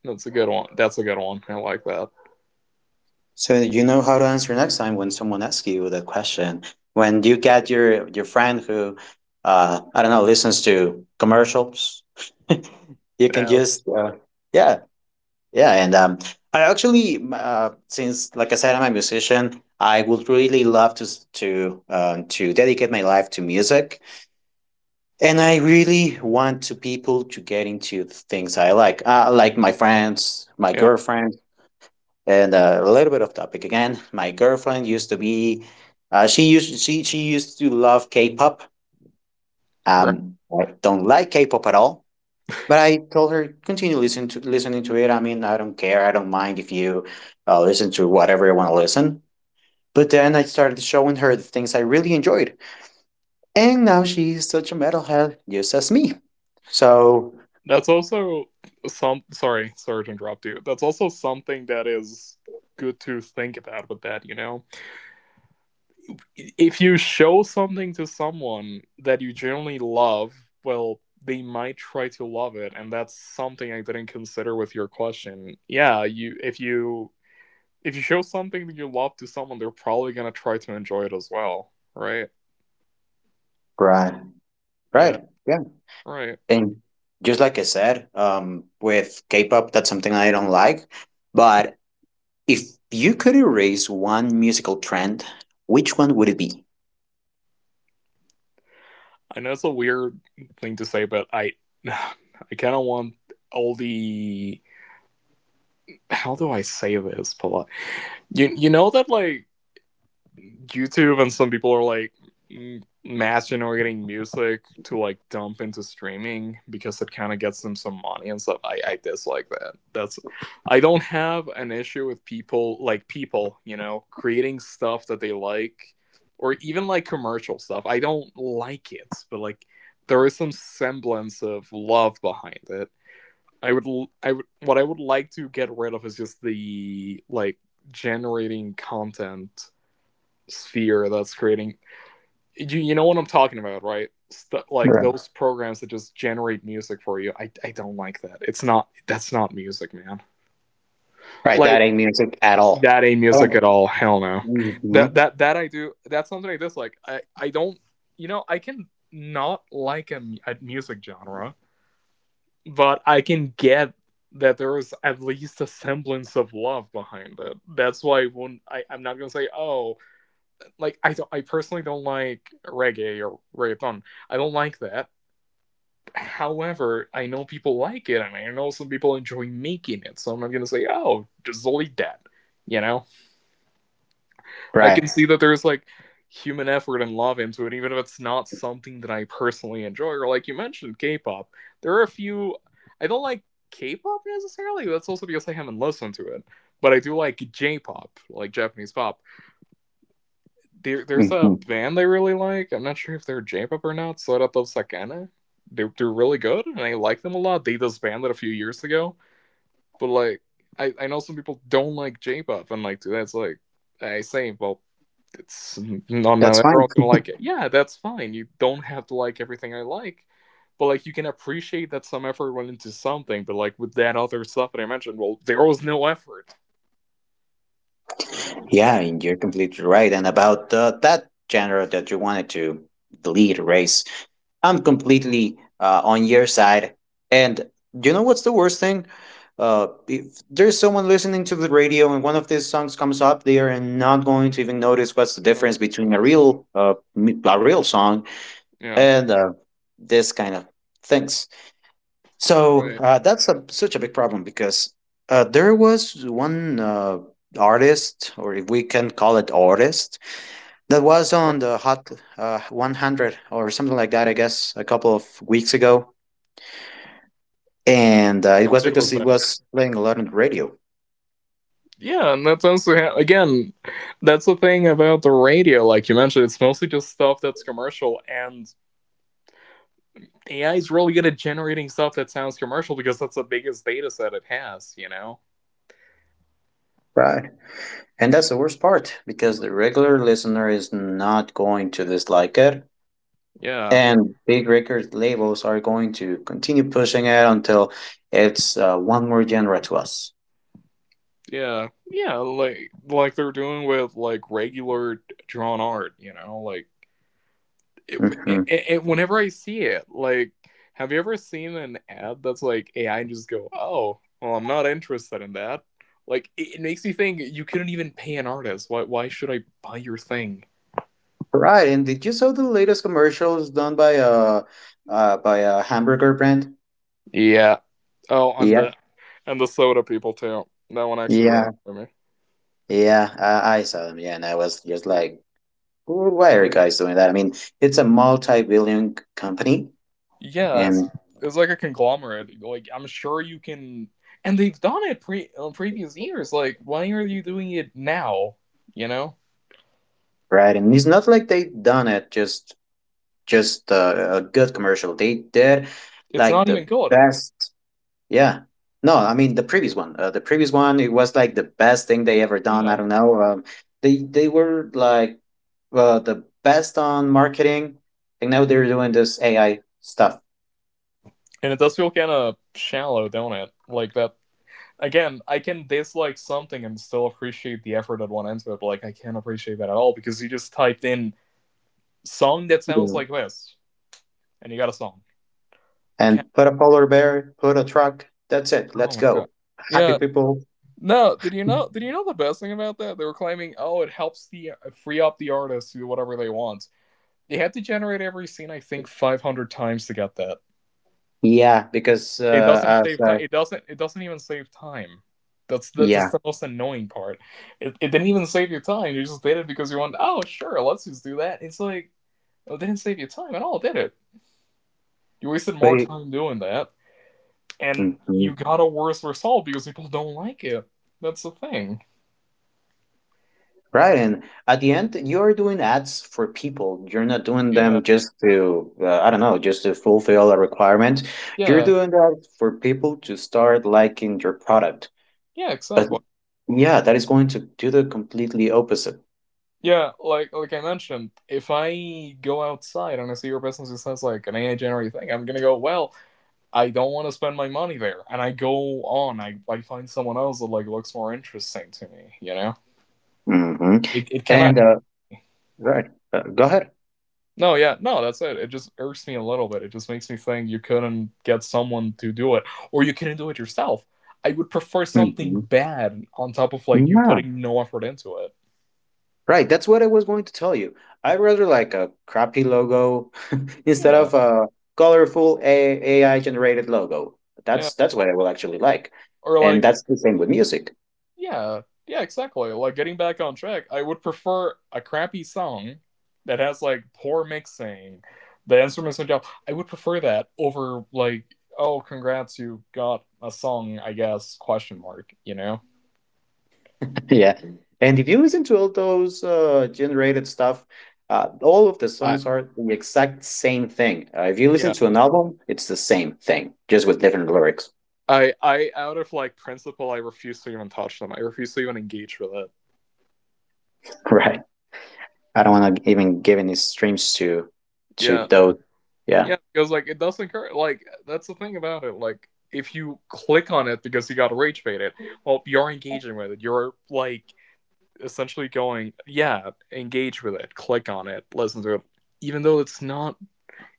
Speaker 2: That's a good one. That's a good one. I like that.
Speaker 1: So you know how to answer next time when someone asks you that question. When you get your friend who, I don't know, listens to commercials, you can
Speaker 2: Yeah, that's
Speaker 1: just yeah. Yeah, and I actually, since like I said, I'm a musician. I would really love to to dedicate my life to music, and I really want to people to get into the things I like my friends, my
Speaker 2: yeah,
Speaker 1: girlfriend, and a little bit of topic again. My girlfriend used to be, she used to love K-pop.
Speaker 2: right.
Speaker 1: I don't like K-pop at all. But I told her continue listening to it. I mean, I don't care. I don't mind if you listen to whatever you want to listen. But then I started showing her the things I really enjoyed, and now she's such a metalhead, just as me. So
Speaker 2: That's also some sorry, sorry to interrupt you. That's also something that is good to think about with that, you know if you show something to someone that you genuinely love, well, they might try to love it, and that's something I didn't consider with your question. Yeah, you if you if you show something that you love to someone, they're probably gonna try to enjoy it as well, right?
Speaker 1: right,
Speaker 2: Yeah,
Speaker 1: right, yeah.
Speaker 2: right.
Speaker 1: And just like I said, with K-pop, that's something I don't like. But if you could erase one musical trend, which one would it be?
Speaker 2: I know it's a weird thing to say, but I I kind of want all the how do I say this, Paula? You know that like YouTube and some people are like matching or getting music to like dump into streaming because it kind of gets them some money and stuff. I dislike that. That's I don't have an issue with people like people, you know, creating stuff that they like or even like commercial stuff. I don't like it, but like there is some semblance of love behind it. I would I would like to get rid of is just the like generating content sphere that's creating. You know what I'm talking about, right? Stu like
Speaker 1: Right,
Speaker 2: those programs that just generate music for you. I don't like that. It's not that's not music, man.
Speaker 1: right, that
Speaker 2: Like
Speaker 1: ain't music at all.
Speaker 2: that ain't
Speaker 1: I don't
Speaker 2: music
Speaker 1: know.
Speaker 2: at all. Hell no. That
Speaker 1: Mhm.
Speaker 2: that that I do. That's something I dislike. I don't. You know I can not like a music genre, but I can get that there is at least a semblance of love behind it. That's why I won't. I'm not gonna say oh like I personally don't like reggae or reggaeton. I don't like that. However, I know people like it and I know some people enjoy making it. So I'm not gonna say, oh, just delete that. You know? I
Speaker 1: Right.
Speaker 2: can see that there's like human effort and love into it, even if it's not something that I personally enjoy. Or like you mentioned, K pop. There are a few I don't like K pop necessarily, that's also because I haven't listened to it. But I do like J pop, like Japanese pop. There's a
Speaker 1: Hmm.
Speaker 2: band they really like. I'm not sure if they're J-pop or not. Sorato Sakana. They're really good, and I like them a lot. They disbanded a few years ago, but like I know some people don't like J-pop, and like that's like I say, well, it's
Speaker 1: That's
Speaker 2: not
Speaker 1: fine.
Speaker 2: everyone's gonna like it. Yeah, that's fine. You don't have to like everything I like, but like you can appreciate that some effort went into something. But like with that other stuff that I mentioned, well, there was no effort. You
Speaker 1: Yeah,
Speaker 2: know,
Speaker 1: and you're completely right. And about that genre that you wanted to delete, erase, I'm completely on your side. And you know what's the worst thing? If there's someone listening to the radio and one of these songs comes up, they are not going to even notice what's the
Speaker 2: you're not
Speaker 1: difference
Speaker 2: gonna
Speaker 1: between a
Speaker 2: notice.
Speaker 1: real song
Speaker 2: Yeah,
Speaker 1: and this kind of things. So
Speaker 2: right,
Speaker 1: that's such a big problem because there was one artist, or if we can call it artist, that was
Speaker 2: right.
Speaker 1: on the Hot 100 or something like that, I guess, a couple of weeks ago. And it was
Speaker 2: It
Speaker 1: because
Speaker 2: was
Speaker 1: he
Speaker 2: that.
Speaker 1: was playing a lot on the radio.
Speaker 2: Yeah, and that's also how, again, that's the thing about the radio. Like you mentioned, it's mostly just stuff that's commercial, and AI is really good at generating stuff that sounds commercial because that's the biggest data set it has. You know?
Speaker 1: Right. And that's the worst part because the regular listener is not going to dislike it.
Speaker 2: Yeah,
Speaker 1: And big record labels are going to continue pushing it until it's one more genre to us.
Speaker 2: yeah, yeah. Like they're doing with like regular drawn art. It,
Speaker 1: Mhm.
Speaker 2: Whenever I see it, like, have you ever seen an ad that's like AI and just go, oh, well, I'm not interested in that? Like, it makes me think you couldn't even pay an artist. Why? Why should I buy your thing?
Speaker 1: Right, and did you saw the latest commercials done by a hamburger brand?
Speaker 2: Yeah. Oh, and the
Speaker 1: Yep.
Speaker 2: and the soda people too. That one actually got it
Speaker 1: Yeah.
Speaker 2: for me.
Speaker 1: Yeah. I saw them. Yeah, and I was just like, why are you guys doing that? I mean, it's a multi-billion company,
Speaker 2: Yeah, it's
Speaker 1: and
Speaker 2: it's like a conglomerate. Like, I'm sure you can, and they've done it previous years. Like, why are you doing it now? You know,
Speaker 1: right, and it's not like they done it just a good commercial. They did
Speaker 2: it's
Speaker 1: like
Speaker 2: not even
Speaker 1: the
Speaker 2: good.
Speaker 1: best. Yeah. No, I mean the previous one. The previous one, it was like the best thing they ever done. I
Speaker 2: Yeah.
Speaker 1: don't know. They were like the best on marketing, and now they're doing this AI stuff.
Speaker 2: And it does feel kind of shallow, don't it? Like that. Again, I can dislike something and still appreciate the effort that went into it, but like I can't appreciate that at all because you just typed in song that sounds
Speaker 1: Yeah.
Speaker 2: like this and you got a song. Like,
Speaker 1: And put a polar bear, put a truck. That's it.
Speaker 2: oh
Speaker 1: Let's
Speaker 2: my god.
Speaker 1: go. Happy
Speaker 2: Yeah.
Speaker 1: people.
Speaker 2: No, did you know? Did you know the best thing about that? They were claiming, oh, it helps the free up the artist to do whatever they want. They had to generate every scene, I think, 500 times to get that.
Speaker 1: Yeah, because
Speaker 2: It doesn't
Speaker 1: as
Speaker 2: save time.
Speaker 1: I
Speaker 2: It doesn't. It doesn't even save time. That's just
Speaker 1: yeah,
Speaker 2: the most annoying part. It didn't even save your time. You just did it because you wanted. Oh, sure, let's just do that. It's like well, it didn't save you time at all, did it? You wasted more
Speaker 1: but.
Speaker 2: time doing that, and you
Speaker 1: Mhm.
Speaker 2: got a worse result because people don't like it. That's the thing.
Speaker 1: Right, and at the end, you're doing ads for people. You're not doing
Speaker 2: Yeah,
Speaker 1: them just to, I don't know, just to fulfill a requirement. You're
Speaker 2: yeah,
Speaker 1: doing that for people to start liking your product.
Speaker 2: yeah.
Speaker 1: But
Speaker 2: Exactly.
Speaker 1: yeah, that is going to do the completely opposite.
Speaker 2: Yeah, like I mentioned, if I go outside and I see your business just has like an AI generated thing, I'm gonna go well. I don't want to spend my money there. And I go on, I find someone else that like looks more interesting to me, you know?
Speaker 1: hmm
Speaker 2: It cannot
Speaker 1: And right, go ahead.
Speaker 2: no, yeah, no, that's it. It just irks me a little bit. It just makes me think you couldn't get someone to do it, or you couldn't do it yourself. I would prefer something
Speaker 1: hmm
Speaker 2: bad on top of like you putting no effort into it.
Speaker 1: Right, that's what I was going to tell you. I rather like a crappy logo instead
Speaker 2: Yeah,
Speaker 1: of a colorful AI generated logo.
Speaker 2: yeah.
Speaker 1: That's what I will actually like,
Speaker 2: Or
Speaker 1: and
Speaker 2: like
Speaker 1: that's the same with music.
Speaker 2: yeah, yeah, exactly. Like getting back on track, I would prefer a crappy song that has like poor mixing, the instruments are down. I would prefer that over like, oh, congrats, you got a song, I guess? Question mark. You know.
Speaker 1: Yeah, and if you listen to all those generated stuff, all of the
Speaker 2: I
Speaker 1: songs are the exact same thing. If you listen
Speaker 2: yeah.
Speaker 1: to an album, it's the same thing, just with different lyrics.
Speaker 2: I out of like principle, I refuse to even touch them. I refuse to even engage with it.
Speaker 1: Right. I don't want to even give any streams to
Speaker 2: Yeah,
Speaker 1: those. Yeah.
Speaker 2: yeah, because like it doesn't cur- like that's the thing about it. Like if you click on it because you got rage baited, well, you're engaging with it. You're like essentially going, yeah, engage with it, click on it, listen to it. Even though it's not,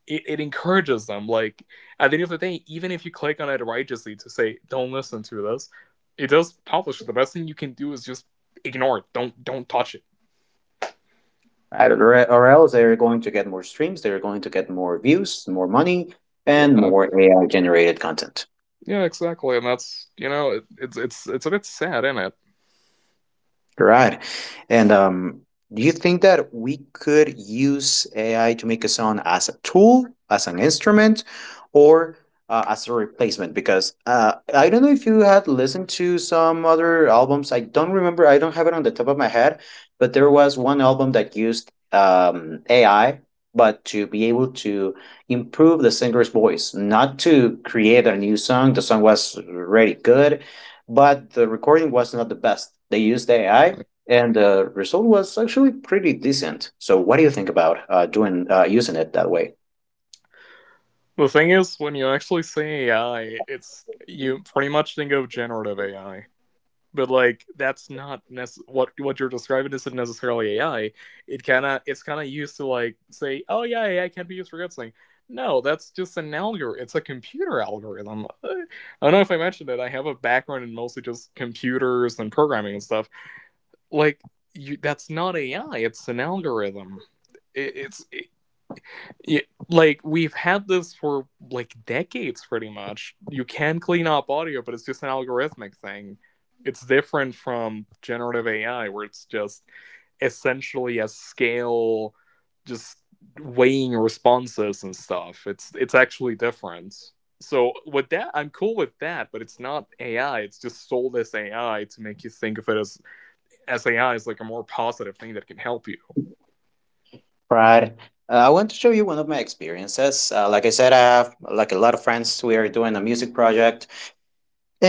Speaker 2: it encourages them. Like, at the end of the day, even if you click on it righteously to say, don't listen to this, it does publish. The best thing you can do is just ignore it. Don't touch it.
Speaker 1: Right? Or else they're going to get more streams, they're going to get more views, more money,
Speaker 2: Yeah,
Speaker 1: and more AI generated content.
Speaker 2: yeah, exactly. And that's, it's a bit sad, isn't it?
Speaker 1: Right. And do you think that we could use AI to make a song as a tool, as an instrument, or as a replacement? Because I don't know if you had listened to some other albums. I don't remember. I don't have it on the top of my head, but there was one album that used AI, but to be able to improve the singer's voice, not to create a new song. The song was already good, but the recording was not the best. They used AI,
Speaker 2: Like,
Speaker 1: and the result was actually pretty decent. So, what do you think about doing using it that way?
Speaker 2: the thing is, when you actually say AI, it's, you pretty much think of generative AI, but like that's not nece- what you're describing isn't necessarily AI. It kind of it's kind of used to like say, oh yeah, AI can be used for good. No, that's just an algorithm. It's a computer algorithm. I don't know if I mentioned it. I have a background in mostly just computers and programming and stuff. Like you, that's not AI. It's an algorithm. It's yeah, like we've had this for like decades pretty much. You can clean up audio, but it's just an algorithmic thing. It's different from generative AI where it's just essentially a scale just weighing responses and stuff. It's actually different. So with that, I'm cool with that, but it's not AI. It's just sold as AI to make you think of it as AI is like a more positive thing that can help you.
Speaker 1: Right. I want to show you one of my experiences. Like I said, I have like a lot of friends. We are doing a music project,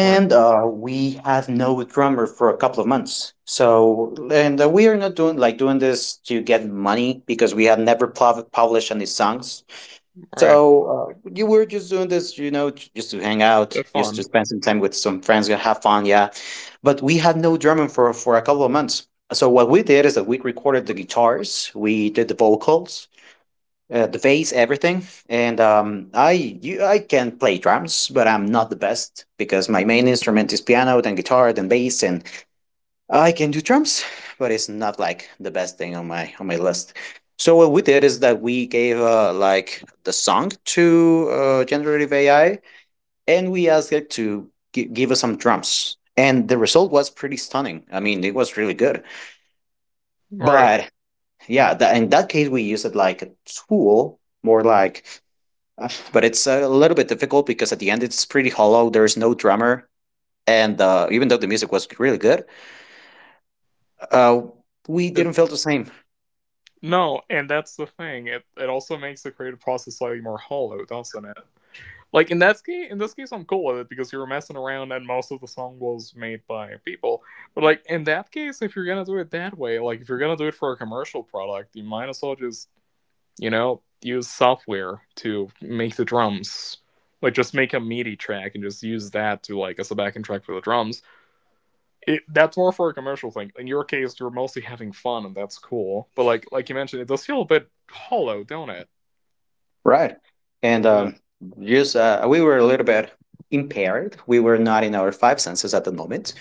Speaker 2: Right,
Speaker 1: we have no drummer for a couple of months. So, and we are not doing this to get money because we have never published any songs.
Speaker 2: right.
Speaker 1: So you were just doing this, just to hang out, just to
Speaker 2: Fun.
Speaker 1: spend some time with some friends, yeah, have fun, yeah. But we had no drumming for a couple of months. So what we did is that we recorded the guitars, we did the vocals, the bass, everything. And I can play drums, but I'm not the best because my main instrument is piano, then guitar, then bass, and I can do drums, but it's not like the best thing on my list. So what we did is that we gave like the song to generative AI, and we asked it to give us some drums, and the result was pretty stunning. I mean, it was really good.
Speaker 2: Right.
Speaker 1: But yeah, that, in that case, we use it like a tool, more like. But it's a little bit difficult because at the end it's pretty hollow. There's no drummer, and even though the music was really good, uh, we
Speaker 2: It.
Speaker 1: didn't feel the same.
Speaker 2: No, and that's the thing. It also makes the creative process slightly more hollow, doesn't it? Like in that case, in this case, I'm cool with it because you were messing around and most of the song was made by people. But like in that case, if you're gonna do it that way, like if you're gonna do it for a commercial product, you might as well just, you know, use software to make the drums. Like just make a MIDI track and just use that to like as a backing track for the drums. That's more for a commercial thing. In your case, you're mostly having fun, and that's cool. But like you mentioned, it does feel a bit hollow, don't it?
Speaker 1: Right. And
Speaker 2: Yeah.
Speaker 1: just we were a little bit impaired. We were not in our five senses at the moment.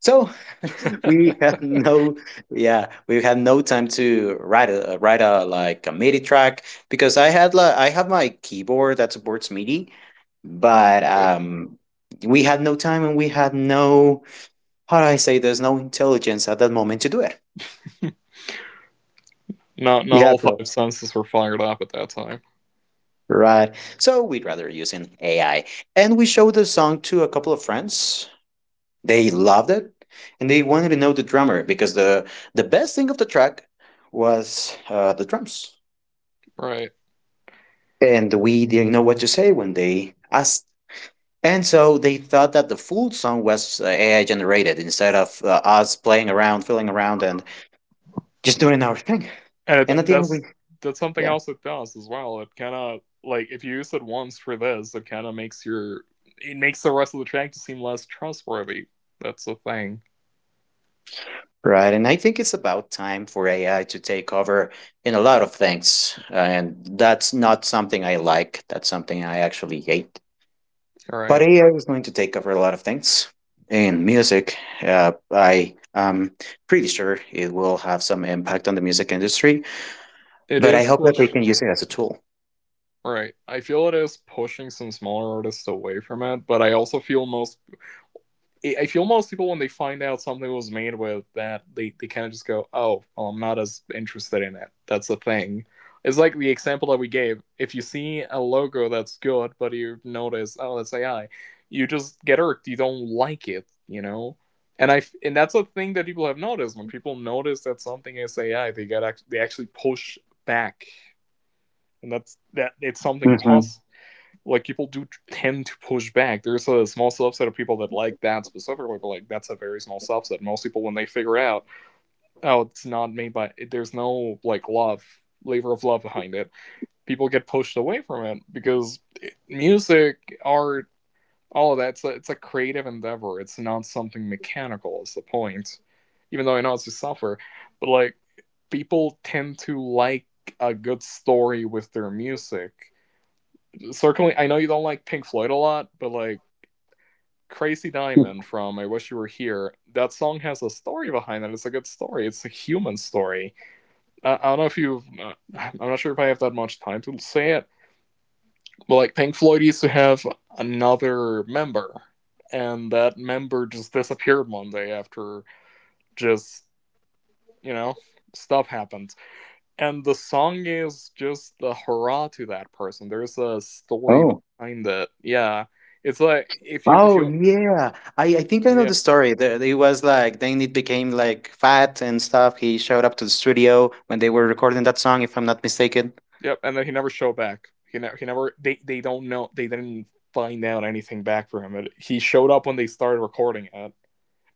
Speaker 1: So we had no, yeah, we had no time to write a MIDI track because I had like I have my keyboard that supports MIDI, but
Speaker 2: Right.
Speaker 1: we had no time and we had no, how do I say, there's no intelligence at that moment to do it.
Speaker 2: Not
Speaker 1: Yeah,
Speaker 2: all
Speaker 1: so
Speaker 2: five senses were fired up at that time,
Speaker 1: right. So we'd rather use an AI. And we showed the song to a couple of friends. They loved it, and they wanted to know the drummer because the best thing of the track was the drums,
Speaker 2: right?
Speaker 1: and we didn't know what to say when they asked. And so they thought that the full song was AI generated instead of us playing around, filling around, and just doing our thing.
Speaker 2: And it,
Speaker 1: And at the end, we,
Speaker 2: that's something
Speaker 1: yeah,
Speaker 2: else it does as well. It kind of like if you use it once for this, it kind of makes your it makes the rest of the track to seem less trustworthy. That's the thing,
Speaker 1: right. And I think it's about time for AI to take over in a lot of things, and that's not something I like. That's something I actually hate. But
Speaker 2: right?
Speaker 1: AI is going to take over a lot of things. In music, I am pretty sure it will have some impact on the music industry,
Speaker 2: It
Speaker 1: but I
Speaker 2: is
Speaker 1: hope that they
Speaker 2: push.
Speaker 1: can use it as a tool.
Speaker 2: Right. I feel it is pushing some smaller artists away from it, but I also feel most I feel most people when they find out something was made with that, they kind of just go, "Oh, well, I'm not as interested in it." That's the thing. It's like the example that we gave. If you see a logo that's good, but you notice, "Oh, that's AI," you just get irked. You don't like it, you know. And I and that's a thing that people have noticed. When people notice that something is AI, they actually push back, and that's that it's something
Speaker 1: Hmm.
Speaker 2: positive like people do tend to push back. There's a small subset of people that like that specifically, but like that's a very small subset. Most people, when they figure out, oh, it's not made by, there's no like love, labor of love behind it. People get pushed away from it because eh, music, art, all of that's a, it's a creative endeavor. It's not something mechanical. Is the point? Even though I know it's a suffer, but like people tend to like a good story with their music. Circling, I know you don't like Pink Floyd a lot, but like Crazy Diamond from I Wish You Were Here, that song has a story behind it. It's a good story. It's a human story. I don't know if you've, I'm not sure if I have that much time to say it, but like Pink Floyd used to have another member, and that member just disappeared one day after just, you know, stuff happened. And the song is just a hurrah to that person. There's a story
Speaker 1: Oh.
Speaker 2: behind it. Yeah. It's like if you
Speaker 1: Oh yeah, I think I know
Speaker 2: yeah.
Speaker 1: the story. There, it was like then it became like fat and stuff. He showed up to the studio when they were recording that song, if I'm not mistaken.
Speaker 2: Yep. And then he never showed back. He never. He never. They. They don't know. They didn't find out anything back for him. He showed up when they started recording it, and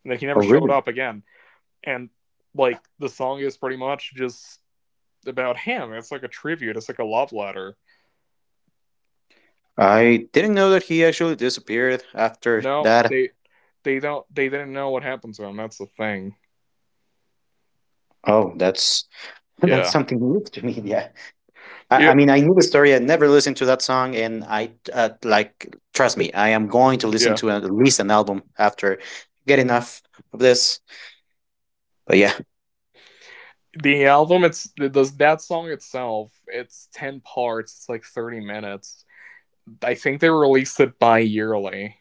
Speaker 2: then he never
Speaker 1: Oh,
Speaker 2: showed
Speaker 1: really?
Speaker 2: up again. And like the song is pretty much just about him. It's like a tribute. It's like a love letter.
Speaker 1: I didn't know that he actually disappeared after
Speaker 2: No,
Speaker 1: that.
Speaker 2: they. They don't. They didn't know what happened to him. That's the thing.
Speaker 1: Oh, that's that's
Speaker 2: Yeah.
Speaker 1: something new to me. Yeah. I,
Speaker 2: Yeah.
Speaker 1: I mean, I knew the story. I never listened to that song, and I like, trust
Speaker 2: It's,
Speaker 1: me, I am going to listen
Speaker 2: yeah.
Speaker 1: to at least an album after get enough of this. But yeah.
Speaker 2: The album. It's does that song itself. It's ten parts. It's like 30 minutes. I think they released it bi-yearly.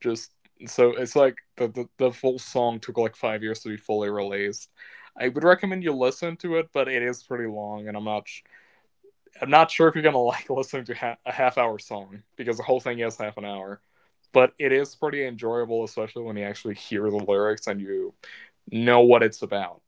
Speaker 2: Just so it's like the full song took like 5 years to be fully released. I would recommend you listen to it, but it is pretty long, and I'm not sure if you're gonna like listening to a half hour song because the whole thing is half an hour. But it is pretty enjoyable, especially when you actually hear the lyrics and you know what it's about.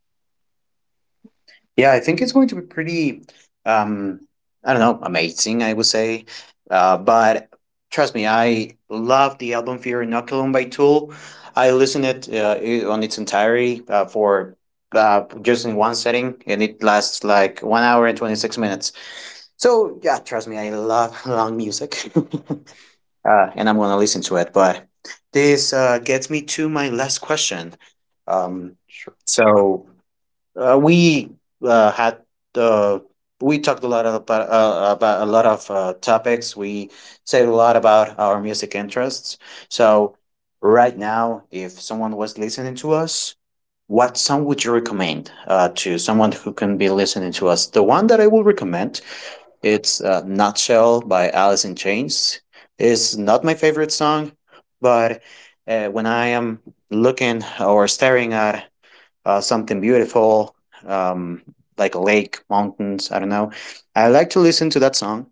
Speaker 1: Yeah, I think it's going to be pretty, um, I don't know, amazing, I would say. But trust me, I love the album Fear Inoculum by Tool. I listened it on its entirety for just in one setting, and it lasts like 1 hour and 26 minutes. So, yeah, trust me, I love long music. And I'm going to listen to it. But this gets me to my last question. Um,
Speaker 2: Sure.
Speaker 1: so, uh, we uh, had uh, we talked a lot of, about a lot of topics. We said a lot about our music interests. So right now, if someone was listening to us, what song would you recommend to someone who can be listening to us? The one that I will recommend, it's "Nutshell" by Alice in Chains. It's not my favorite song, but when I am looking or staring at something beautiful, um, like a lake, mountains, I don't know. I like to listen to that song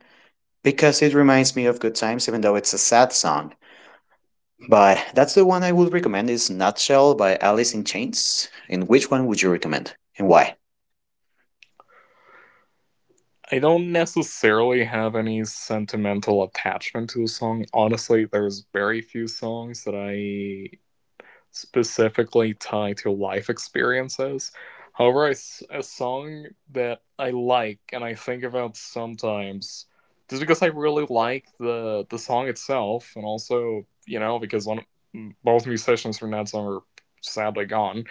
Speaker 1: because it reminds me of good times, even though it's a sad song. But that's the one I would recommend, is Nutshell by Alice in Chains. And which one would you recommend, and why?
Speaker 2: I don't necessarily have any sentimental attachment to a song. Honestly, there's very few songs that I specifically tied to life experiences. However, a song that I like and I think about sometimes just because I really like the song itself, and also, you know, because one both musicians from that song are sadly gone.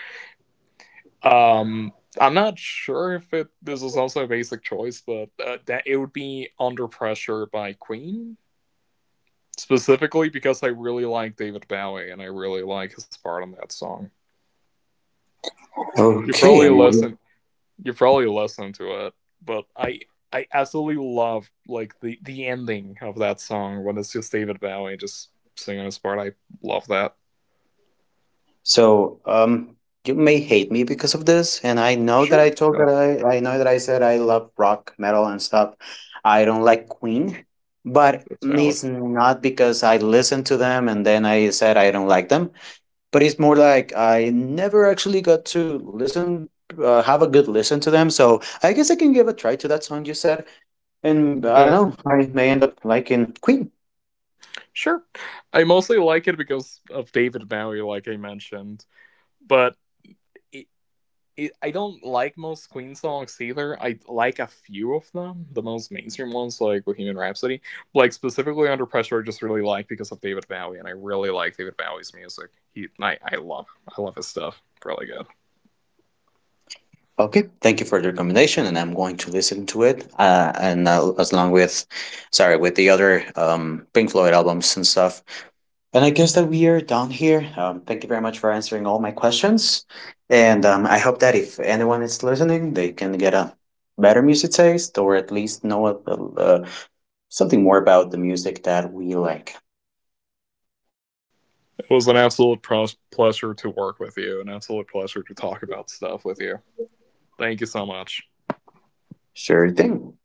Speaker 2: Um, I'm not sure if it this is also a basic choice, but that it would be Under Pressure by Queen specifically because I really like David Bowie and I really like his part on that song. You
Speaker 1: Okay,
Speaker 2: probably
Speaker 1: and what.
Speaker 2: listen. You probably listened to it, but I absolutely love like the ending of that song when it's just David Bowie just singing his part. I love that.
Speaker 1: So, you may hate me because of this, and I know that I
Speaker 2: Sure.
Speaker 1: told that I know that I said I love rock, metal, and stuff. I don't like Queen, but
Speaker 2: It's valid.
Speaker 1: it's not because I listened to them and then I said I don't like them. But it's more like I never actually got to have a good listen to them. So I guess I can give a try to that song you said, and I don't
Speaker 2: Yeah,
Speaker 1: know, I may end up liking Queen.
Speaker 2: sure. I mostly like it because of David Bowie, like I mentioned, but it, I don't like most Queen songs either. I like a few of them, the most mainstream ones like Bohemian Rhapsody. Like specifically Under Pressure, I just really like because of David Bowie, and I really like David Bowie's music. I love his stuff. Really good.
Speaker 1: Okay, thank you for the recommendation, and I'm going to listen to it. And as long with, sorry, with the other Pink Floyd albums and stuff. And I guess that we are done here. Thank you very much for answering all my questions. And I hope that if anyone is listening, they can get a better music taste or at least know something more about the music that we like.
Speaker 2: It was an absolute pleasure to work with you, an absolute pleasure to talk about stuff with you. Thank you so much.
Speaker 1: Sure thing.